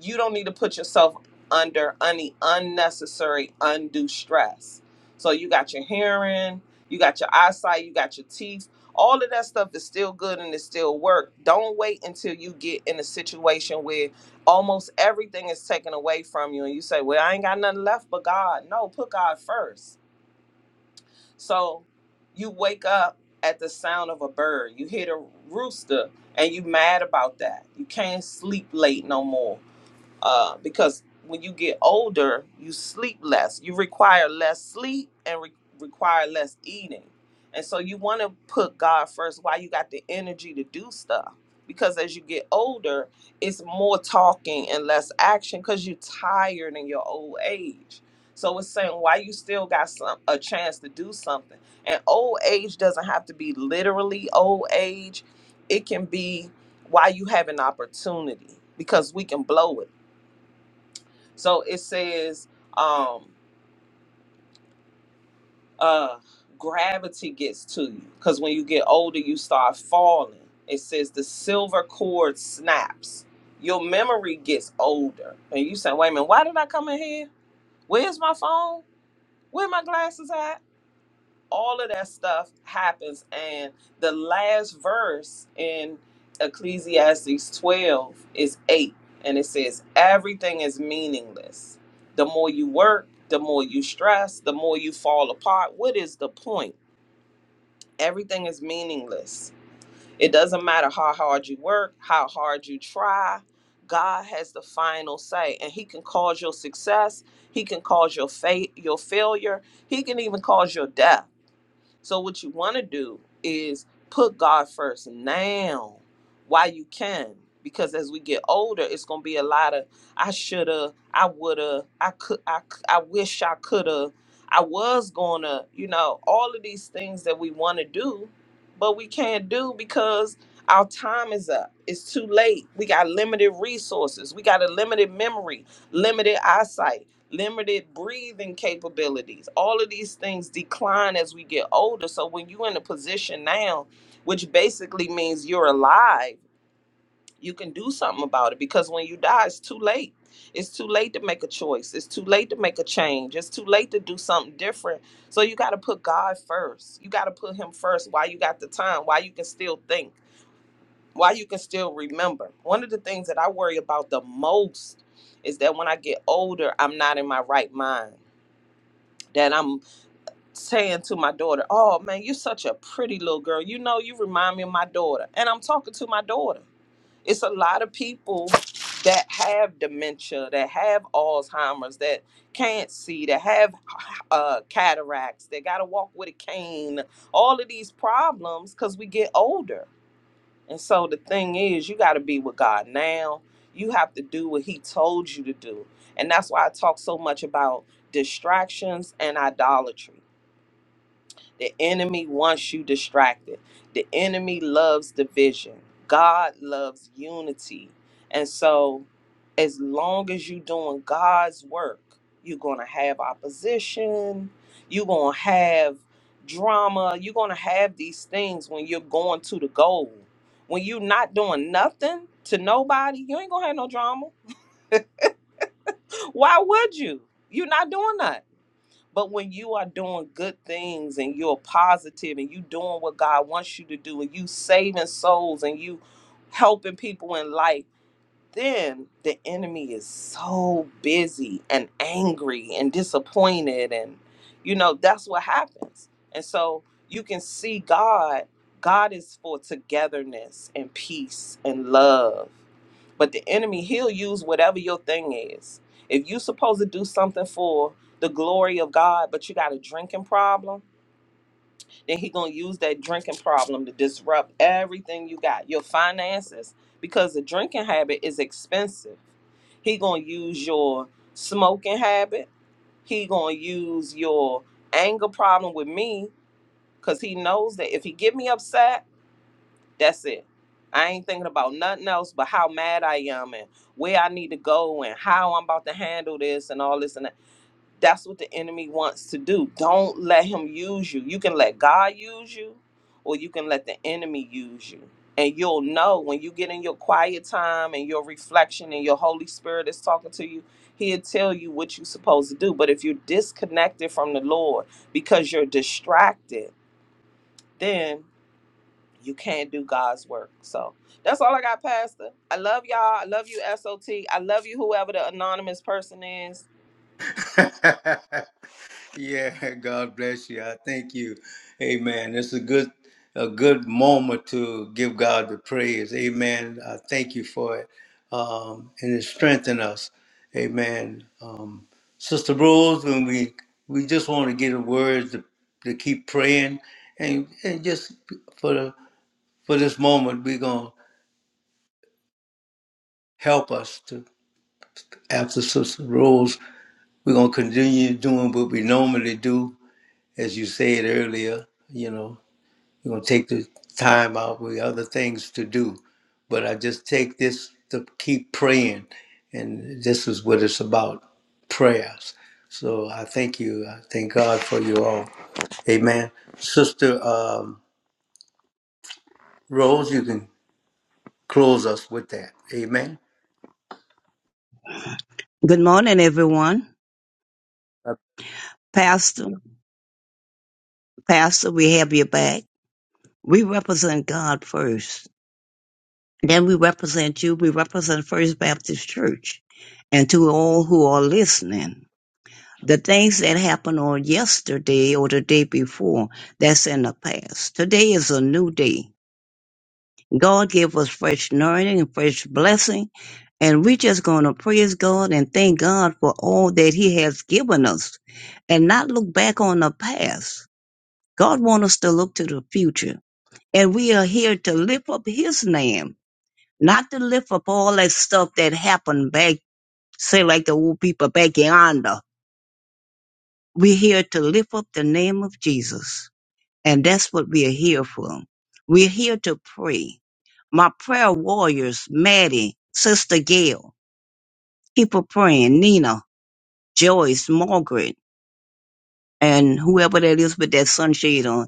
S4: you don't need to put yourself under any unnecessary undue stress. So you got your hearing, you got your eyesight, you got your teeth. All of that stuff is still good and it still work. Don't wait until you get in a situation where almost everything is taken away from you and you say, "Well, I ain't got nothing left but God." No, put God first so you wake up at the sound of a bird, you hear the rooster, and you mad about that. You can't sleep late no more uh, because when you get older, you sleep less. You require less sleep and re- require less eating. And so you want to put God first while you got the energy to do stuff. Because as you get older, it's more talking and less action because you're tired in your old age. So it's saying why you still got some a chance to do something. And old age doesn't have to be literally old age. It can be why you have an opportunity because we can blow it so it says, um, uh, gravity gets to you because when you get older, you start falling. It says the silver cord snaps. Your memory gets older, and you say, "Wait a minute, why did I come in here? Where's my phone? Where my glasses at?" all of that stuff happens and the last verse in ecclesiastes 12 is 8 and it says everything is meaningless the more you work the more you stress the more you fall apart what is the point everything is meaningless it doesn't matter how hard you work how hard you try god has the final say and he can cause your success he can cause your fate your failure he can even cause your death so what you want to do is put God first now while you can. Because as we get older, it's gonna be a lot of I shoulda, I woulda, I could, I, c- I wish I coulda, I was gonna, you know, all of these things that we want to do, but we can't do because our time is up. It's too late. We got limited resources. We got a limited memory, limited eyesight limited breathing capabilities. All of these things decline as we get older. So when you're in a position now, which basically means you're alive, you can do something about it because when you die, it's too late. It's too late to make a choice. It's too late to make a change. It's too late to do something different. So you got to put God first. You got to put Him first while you got the time, while you can still think, while you can still remember. One of the things that I worry about the most is that when I get older, I'm not in my right mind that I'm saying to my daughter, "Oh man, you're such a pretty little girl. You know, you remind me of my daughter." And I'm talking to my daughter. It's a lot of people that have dementia, that have Alzheimer's, that can't see, that have uh, cataracts, that got to walk with a cane. All of these problems because we get older. And so the thing is, you got to be with God now. You have to do what He told you to do. And that's why I talk so much about distractions and idolatry the enemy wants you distracted. The enemy loves division. God loves unity. And so, as long as you're doing God's work, you're going to have opposition. You're going to have drama. You're going to have these things when you're going to the goal. When you're not doing nothing to nobody, you ain't going to have no drama. Why would you? You're not doing nothing. But when you are doing good things and you're positive and you doing what God wants you to do and you saving souls and you helping people in life, then the enemy is so busy and angry and disappointed and you know that's what happens. And so you can see God, God is for togetherness and peace and love. But the enemy, he'll use whatever your thing is. If you supposed to do something for the glory of God, but you got a drinking problem, then he gonna use that drinking problem to disrupt everything you got, your finances, because the drinking habit is expensive. He gonna use your smoking habit. He gonna use your anger problem with me, cause he knows that if he get me upset that's it. I ain't thinking about nothing else but how mad I am and where I need to go and how I'm about to handle this and all this and that. That's what the enemy wants to do. Don't let him use you. You can let God use you or you can let the enemy use you. And you'll know when you get in your quiet time and your reflection and your Holy Spirit is talking to you, he'll tell you what you're supposed to do. But if you're disconnected from the Lord because you're distracted, then you can't do God's work. So that's all I got, Pastor. I love y'all. I love you, SOT. I love you, whoever the anonymous person is.
S1: Yeah, God bless you. I thank you. Amen. It's a good a good moment to give God the praise. Amen. I thank you for it. Um, and it strengthened us. Amen. Um, Sister Rose, when we we just want to get a word to, to keep praying and and just for the for this moment we're gonna help us to after Sister Rose, we're gonna continue doing what we normally do, as you said earlier, you know. You are gonna take the time out with other things to do. But I just take this to keep praying, and this is what it's about, prayers. So I thank you. I thank God for you all. Amen. Sister um, Rose, you can close us with that. Amen.
S3: Good morning, everyone. Pastor, Pastor, we have your back. We represent God first. Then we represent you. We represent First Baptist Church and to all who are listening. The things that happened on yesterday or the day before, that's in the past. Today is a new day. God gave us fresh learning and fresh blessing. And we're just going to praise God and thank God for all that He has given us and not look back on the past. God wants us to look to the future. And we are here to lift up his name, not to lift up all that stuff that happened back, say like the old people back yonder. We're here to lift up the name of Jesus. And that's what we are here for. We're here to pray. My prayer warriors, Maddie, Sister Gail, keep her praying, Nina, Joyce, Margaret, and whoever that is with that sunshade on.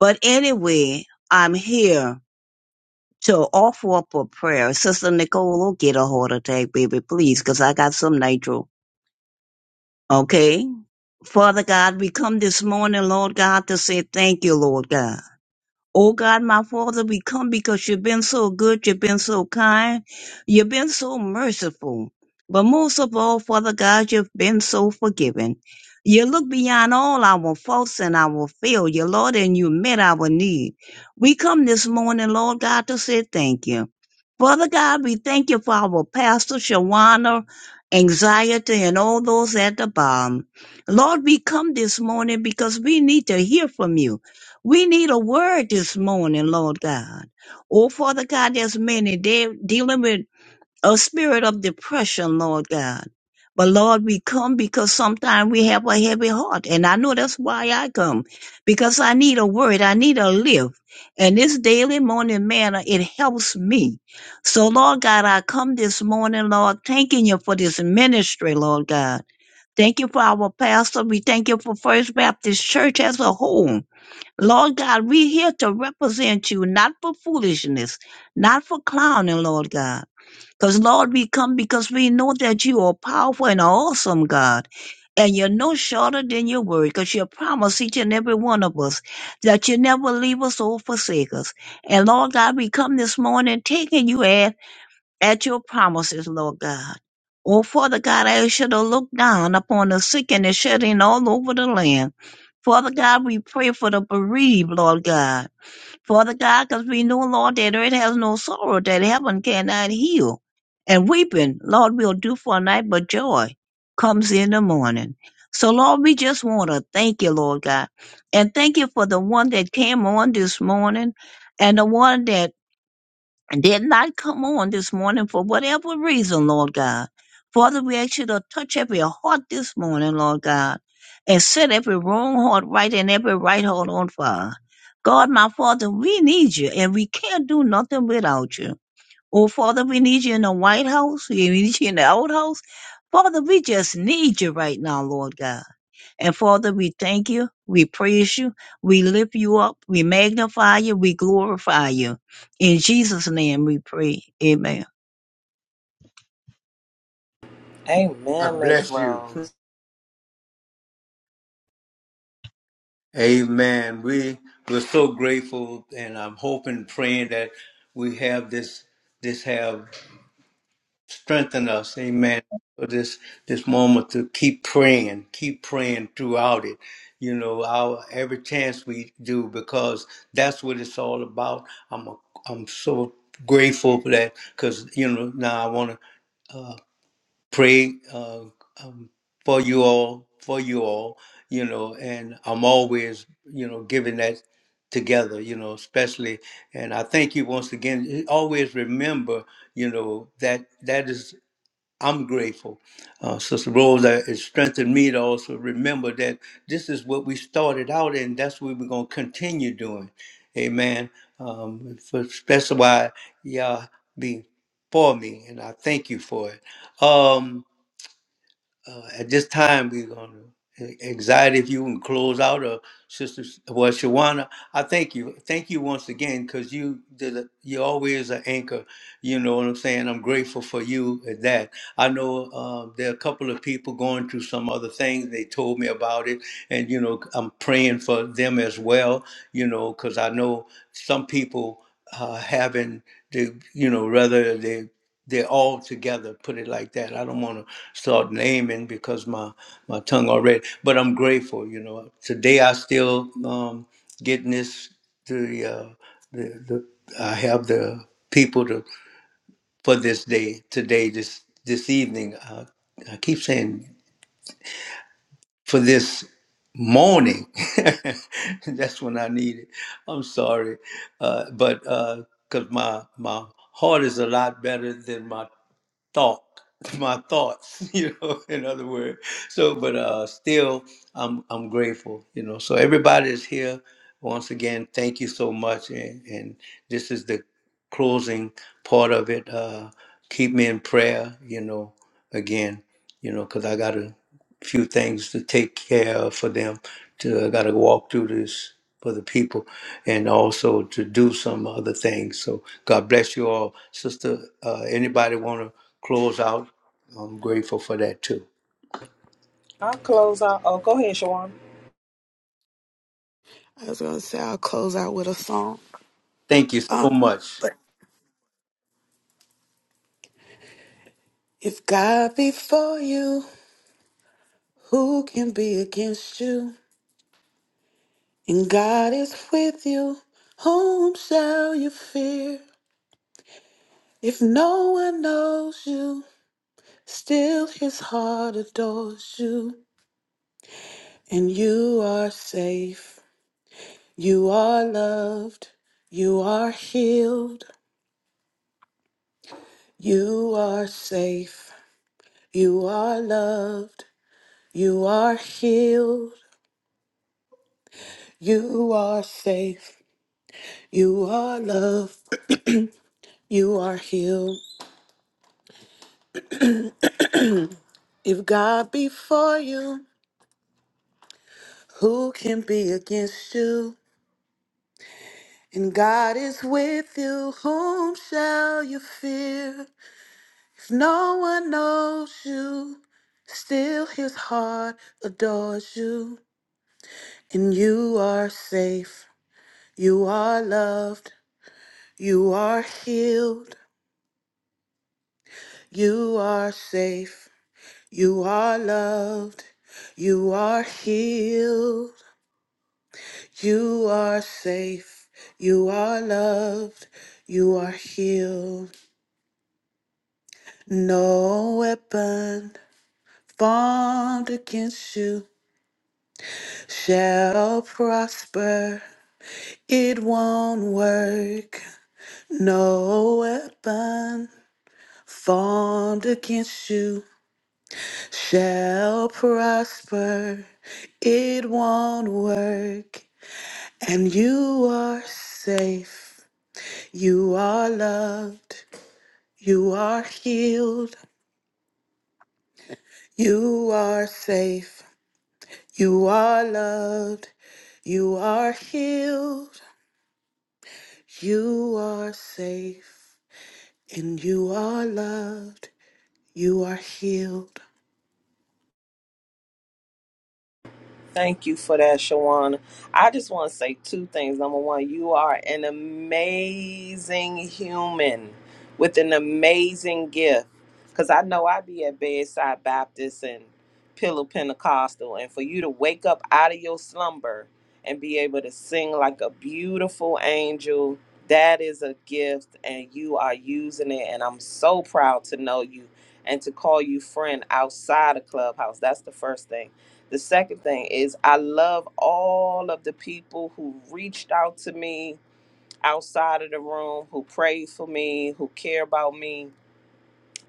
S3: But anyway, I'm here to offer up a prayer. Sister Nicole will get a heart attack, baby, please, because I got some nitro. Okay? Father God, we come this morning, Lord God, to say thank you, Lord God. Oh God, my Father, we come because you've been so good, you've been so kind, you've been so merciful. But most of all, Father God, you've been so forgiving. You look beyond all our faults and our failure, Lord, and you met our need. We come this morning, Lord God, to say thank you. Father God, we thank you for our pastor, Shawana, anxiety, and all those at the bottom. Lord, we come this morning because we need to hear from you. We need a word this morning, Lord God. Oh, Father God, there's many. They're dealing with a spirit of depression, Lord God. But Lord, we come because sometimes we have a heavy heart. And I know that's why I come, because I need a word. I need a lift. And this daily morning manner, it helps me. So, Lord God, I come this morning, Lord, thanking you for this ministry, Lord God. Thank you for our pastor. We thank you for First Baptist Church as a whole. Lord God, we here to represent you, not for foolishness, not for clowning, Lord God. Because, Lord, we come because we know that you are powerful and awesome, God, and you're no shorter than your word, because you promise each and every one of us that you never leave us or forsake us. And, Lord God, we come this morning taking you at at your promises, Lord God. Oh, Father God, I ask you to look down upon the sick and the shedding all over the land. Father God, we pray for the bereaved, Lord God. Father God, because we know, Lord, that it has no sorrow, that heaven cannot heal. And weeping, Lord, we'll do for a night, but joy comes in the morning. So, Lord, we just want to thank you, Lord God. And thank you for the one that came on this morning and the one that and did not come on this morning for whatever reason, Lord God. Father, we ask you to touch every heart this morning, Lord God, and set every wrong heart right and every right heart on fire. God, my Father, we need you, and we can't do nothing without you. Oh, Father, we need you in the White House. We need you in the Old House. Father, we just need you right now, Lord God. And Father, we thank you, we praise you, we lift you up, we magnify you, we glorify you. In Jesus' name we pray. Amen.
S1: I
S4: Amen, Miss
S1: bless you.
S4: Rose.
S1: Amen. We we're so grateful, and I'm hoping, praying that we have this. This have strengthen us, amen, for this this moment to keep praying, keep praying throughout it. You know, our every chance we do because that's what it's all about. I'm a, I'm so grateful for that because you know now I want to pray uh, um, for you all, for you all, you know, and I'm always you know giving that together, you know, especially. And I thank you once again. Always remember, you know, that that is I'm grateful. Uh, Sister Rose, uh, it strengthened me to also remember that this is what we started out in. That's what we're going to continue doing. Amen. Um, for specify, y'all be for me, and I thank you for it. Um, uh, at this time, we're going to anxiety. If you can close out, or Sister well, Shawana, I thank you, thank you once again, because you did. A, you always an anchor. You know what I'm saying. I'm grateful for you at that. I know um, there are a couple of people going through some other things. They told me about it, and you know I'm praying for them as well. You know, because I know some people uh, having the you know rather they they're all together put it like that i don't want to start naming because my my tongue already but i'm grateful you know today i still um getting this the uh the, the i have the people to for this day today this this evening i, I keep saying for this morning that's when i need it i'm sorry uh but uh because my my heart is a lot better than my thought my thoughts you know in other words so but uh still i'm i'm grateful you know so everybody is here once again thank you so much and and this is the closing part of it uh keep me in prayer you know again you know because i gotta few things to take care of for them. To I got to walk through this for the people, and also to do some other things. So God bless you all, sister. Uh, anybody want to close out? I'm grateful for that too.
S4: I'll close out. Oh, go ahead, Shawan.
S2: I was gonna say I'll close out with a song.
S1: Thank you so
S2: Um,
S1: much.
S2: but if God be for you, who can be against you? And God is with you, whom shall you fear? If no one knows you, still His heart adores you, and you are safe. You are loved. You are healed. You are safe. You are loved. You are healed. You are safe. You are loved. You are healed. If God be for you, who can be against you? And God is with you, whom shall you fear? If no one knows you, still his heart adores you. And you are safe. You are loved. You are healed. You are safe. You are loved. You are healed. You are safe. You are loved. You are healed. No weapon formed against you shall prosper. It won't work. No weapon formed against you shall prosper. It won't work, and you are safe. You are loved. You are healed. You are safe. You are loved. You are healed. You are safe. And you are loved. You are healed.
S4: Thank you for that, Shawana. I just want to say two things. Number one, you are an amazing human with an amazing gift. Because I know I be at Bedside Baptist and Pillow Pentecostal, and for you to wake up out of your slumber and be able to sing like a beautiful angel, that is a gift, and you are using it. And I'm so proud to know you and to call you friend outside of Clubhouse. That's the first thing. The second thing is I love all of the people who reached out to me outside of the room, who prayed for me, who care about me.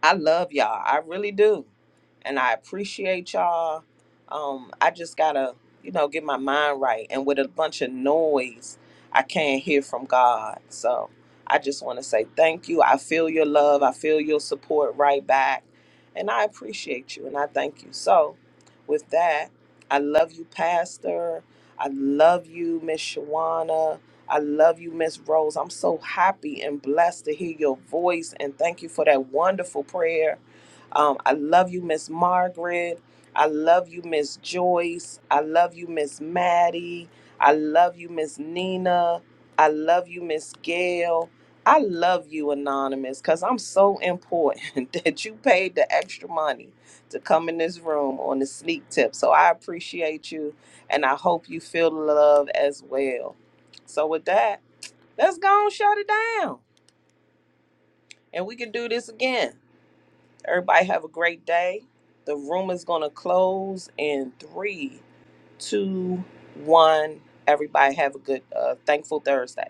S4: I love y'all. I really do. And I appreciate y'all. Um, I just gotta, you know, get my mind right. And with a bunch of noise, I can't hear from God. So I just wanna say thank you. I feel your love. I feel your support right back. And I appreciate you and I thank you. So with that, I love you, Pastor. I love you, Miss Shawana. I love you, Miss Rose. I'm so happy and blessed to hear your voice, and thank you for that wonderful prayer. Um, I love you, Miss Margaret. I love you, Miss Joyce. I love you, Miss Maddie. I love you, Miss Nina. I love you, Miss Gail. I love you, Anonymous, because I'm so important that you paid the extra money to come in this room on the sneak tip. So I appreciate you, and I hope you feel the love as well. So with that, let's go and shut it down. And we can do this again. Everybody have a great day. The room is gonna close in three, two, one. Everybody have a good uh thankful Thursday.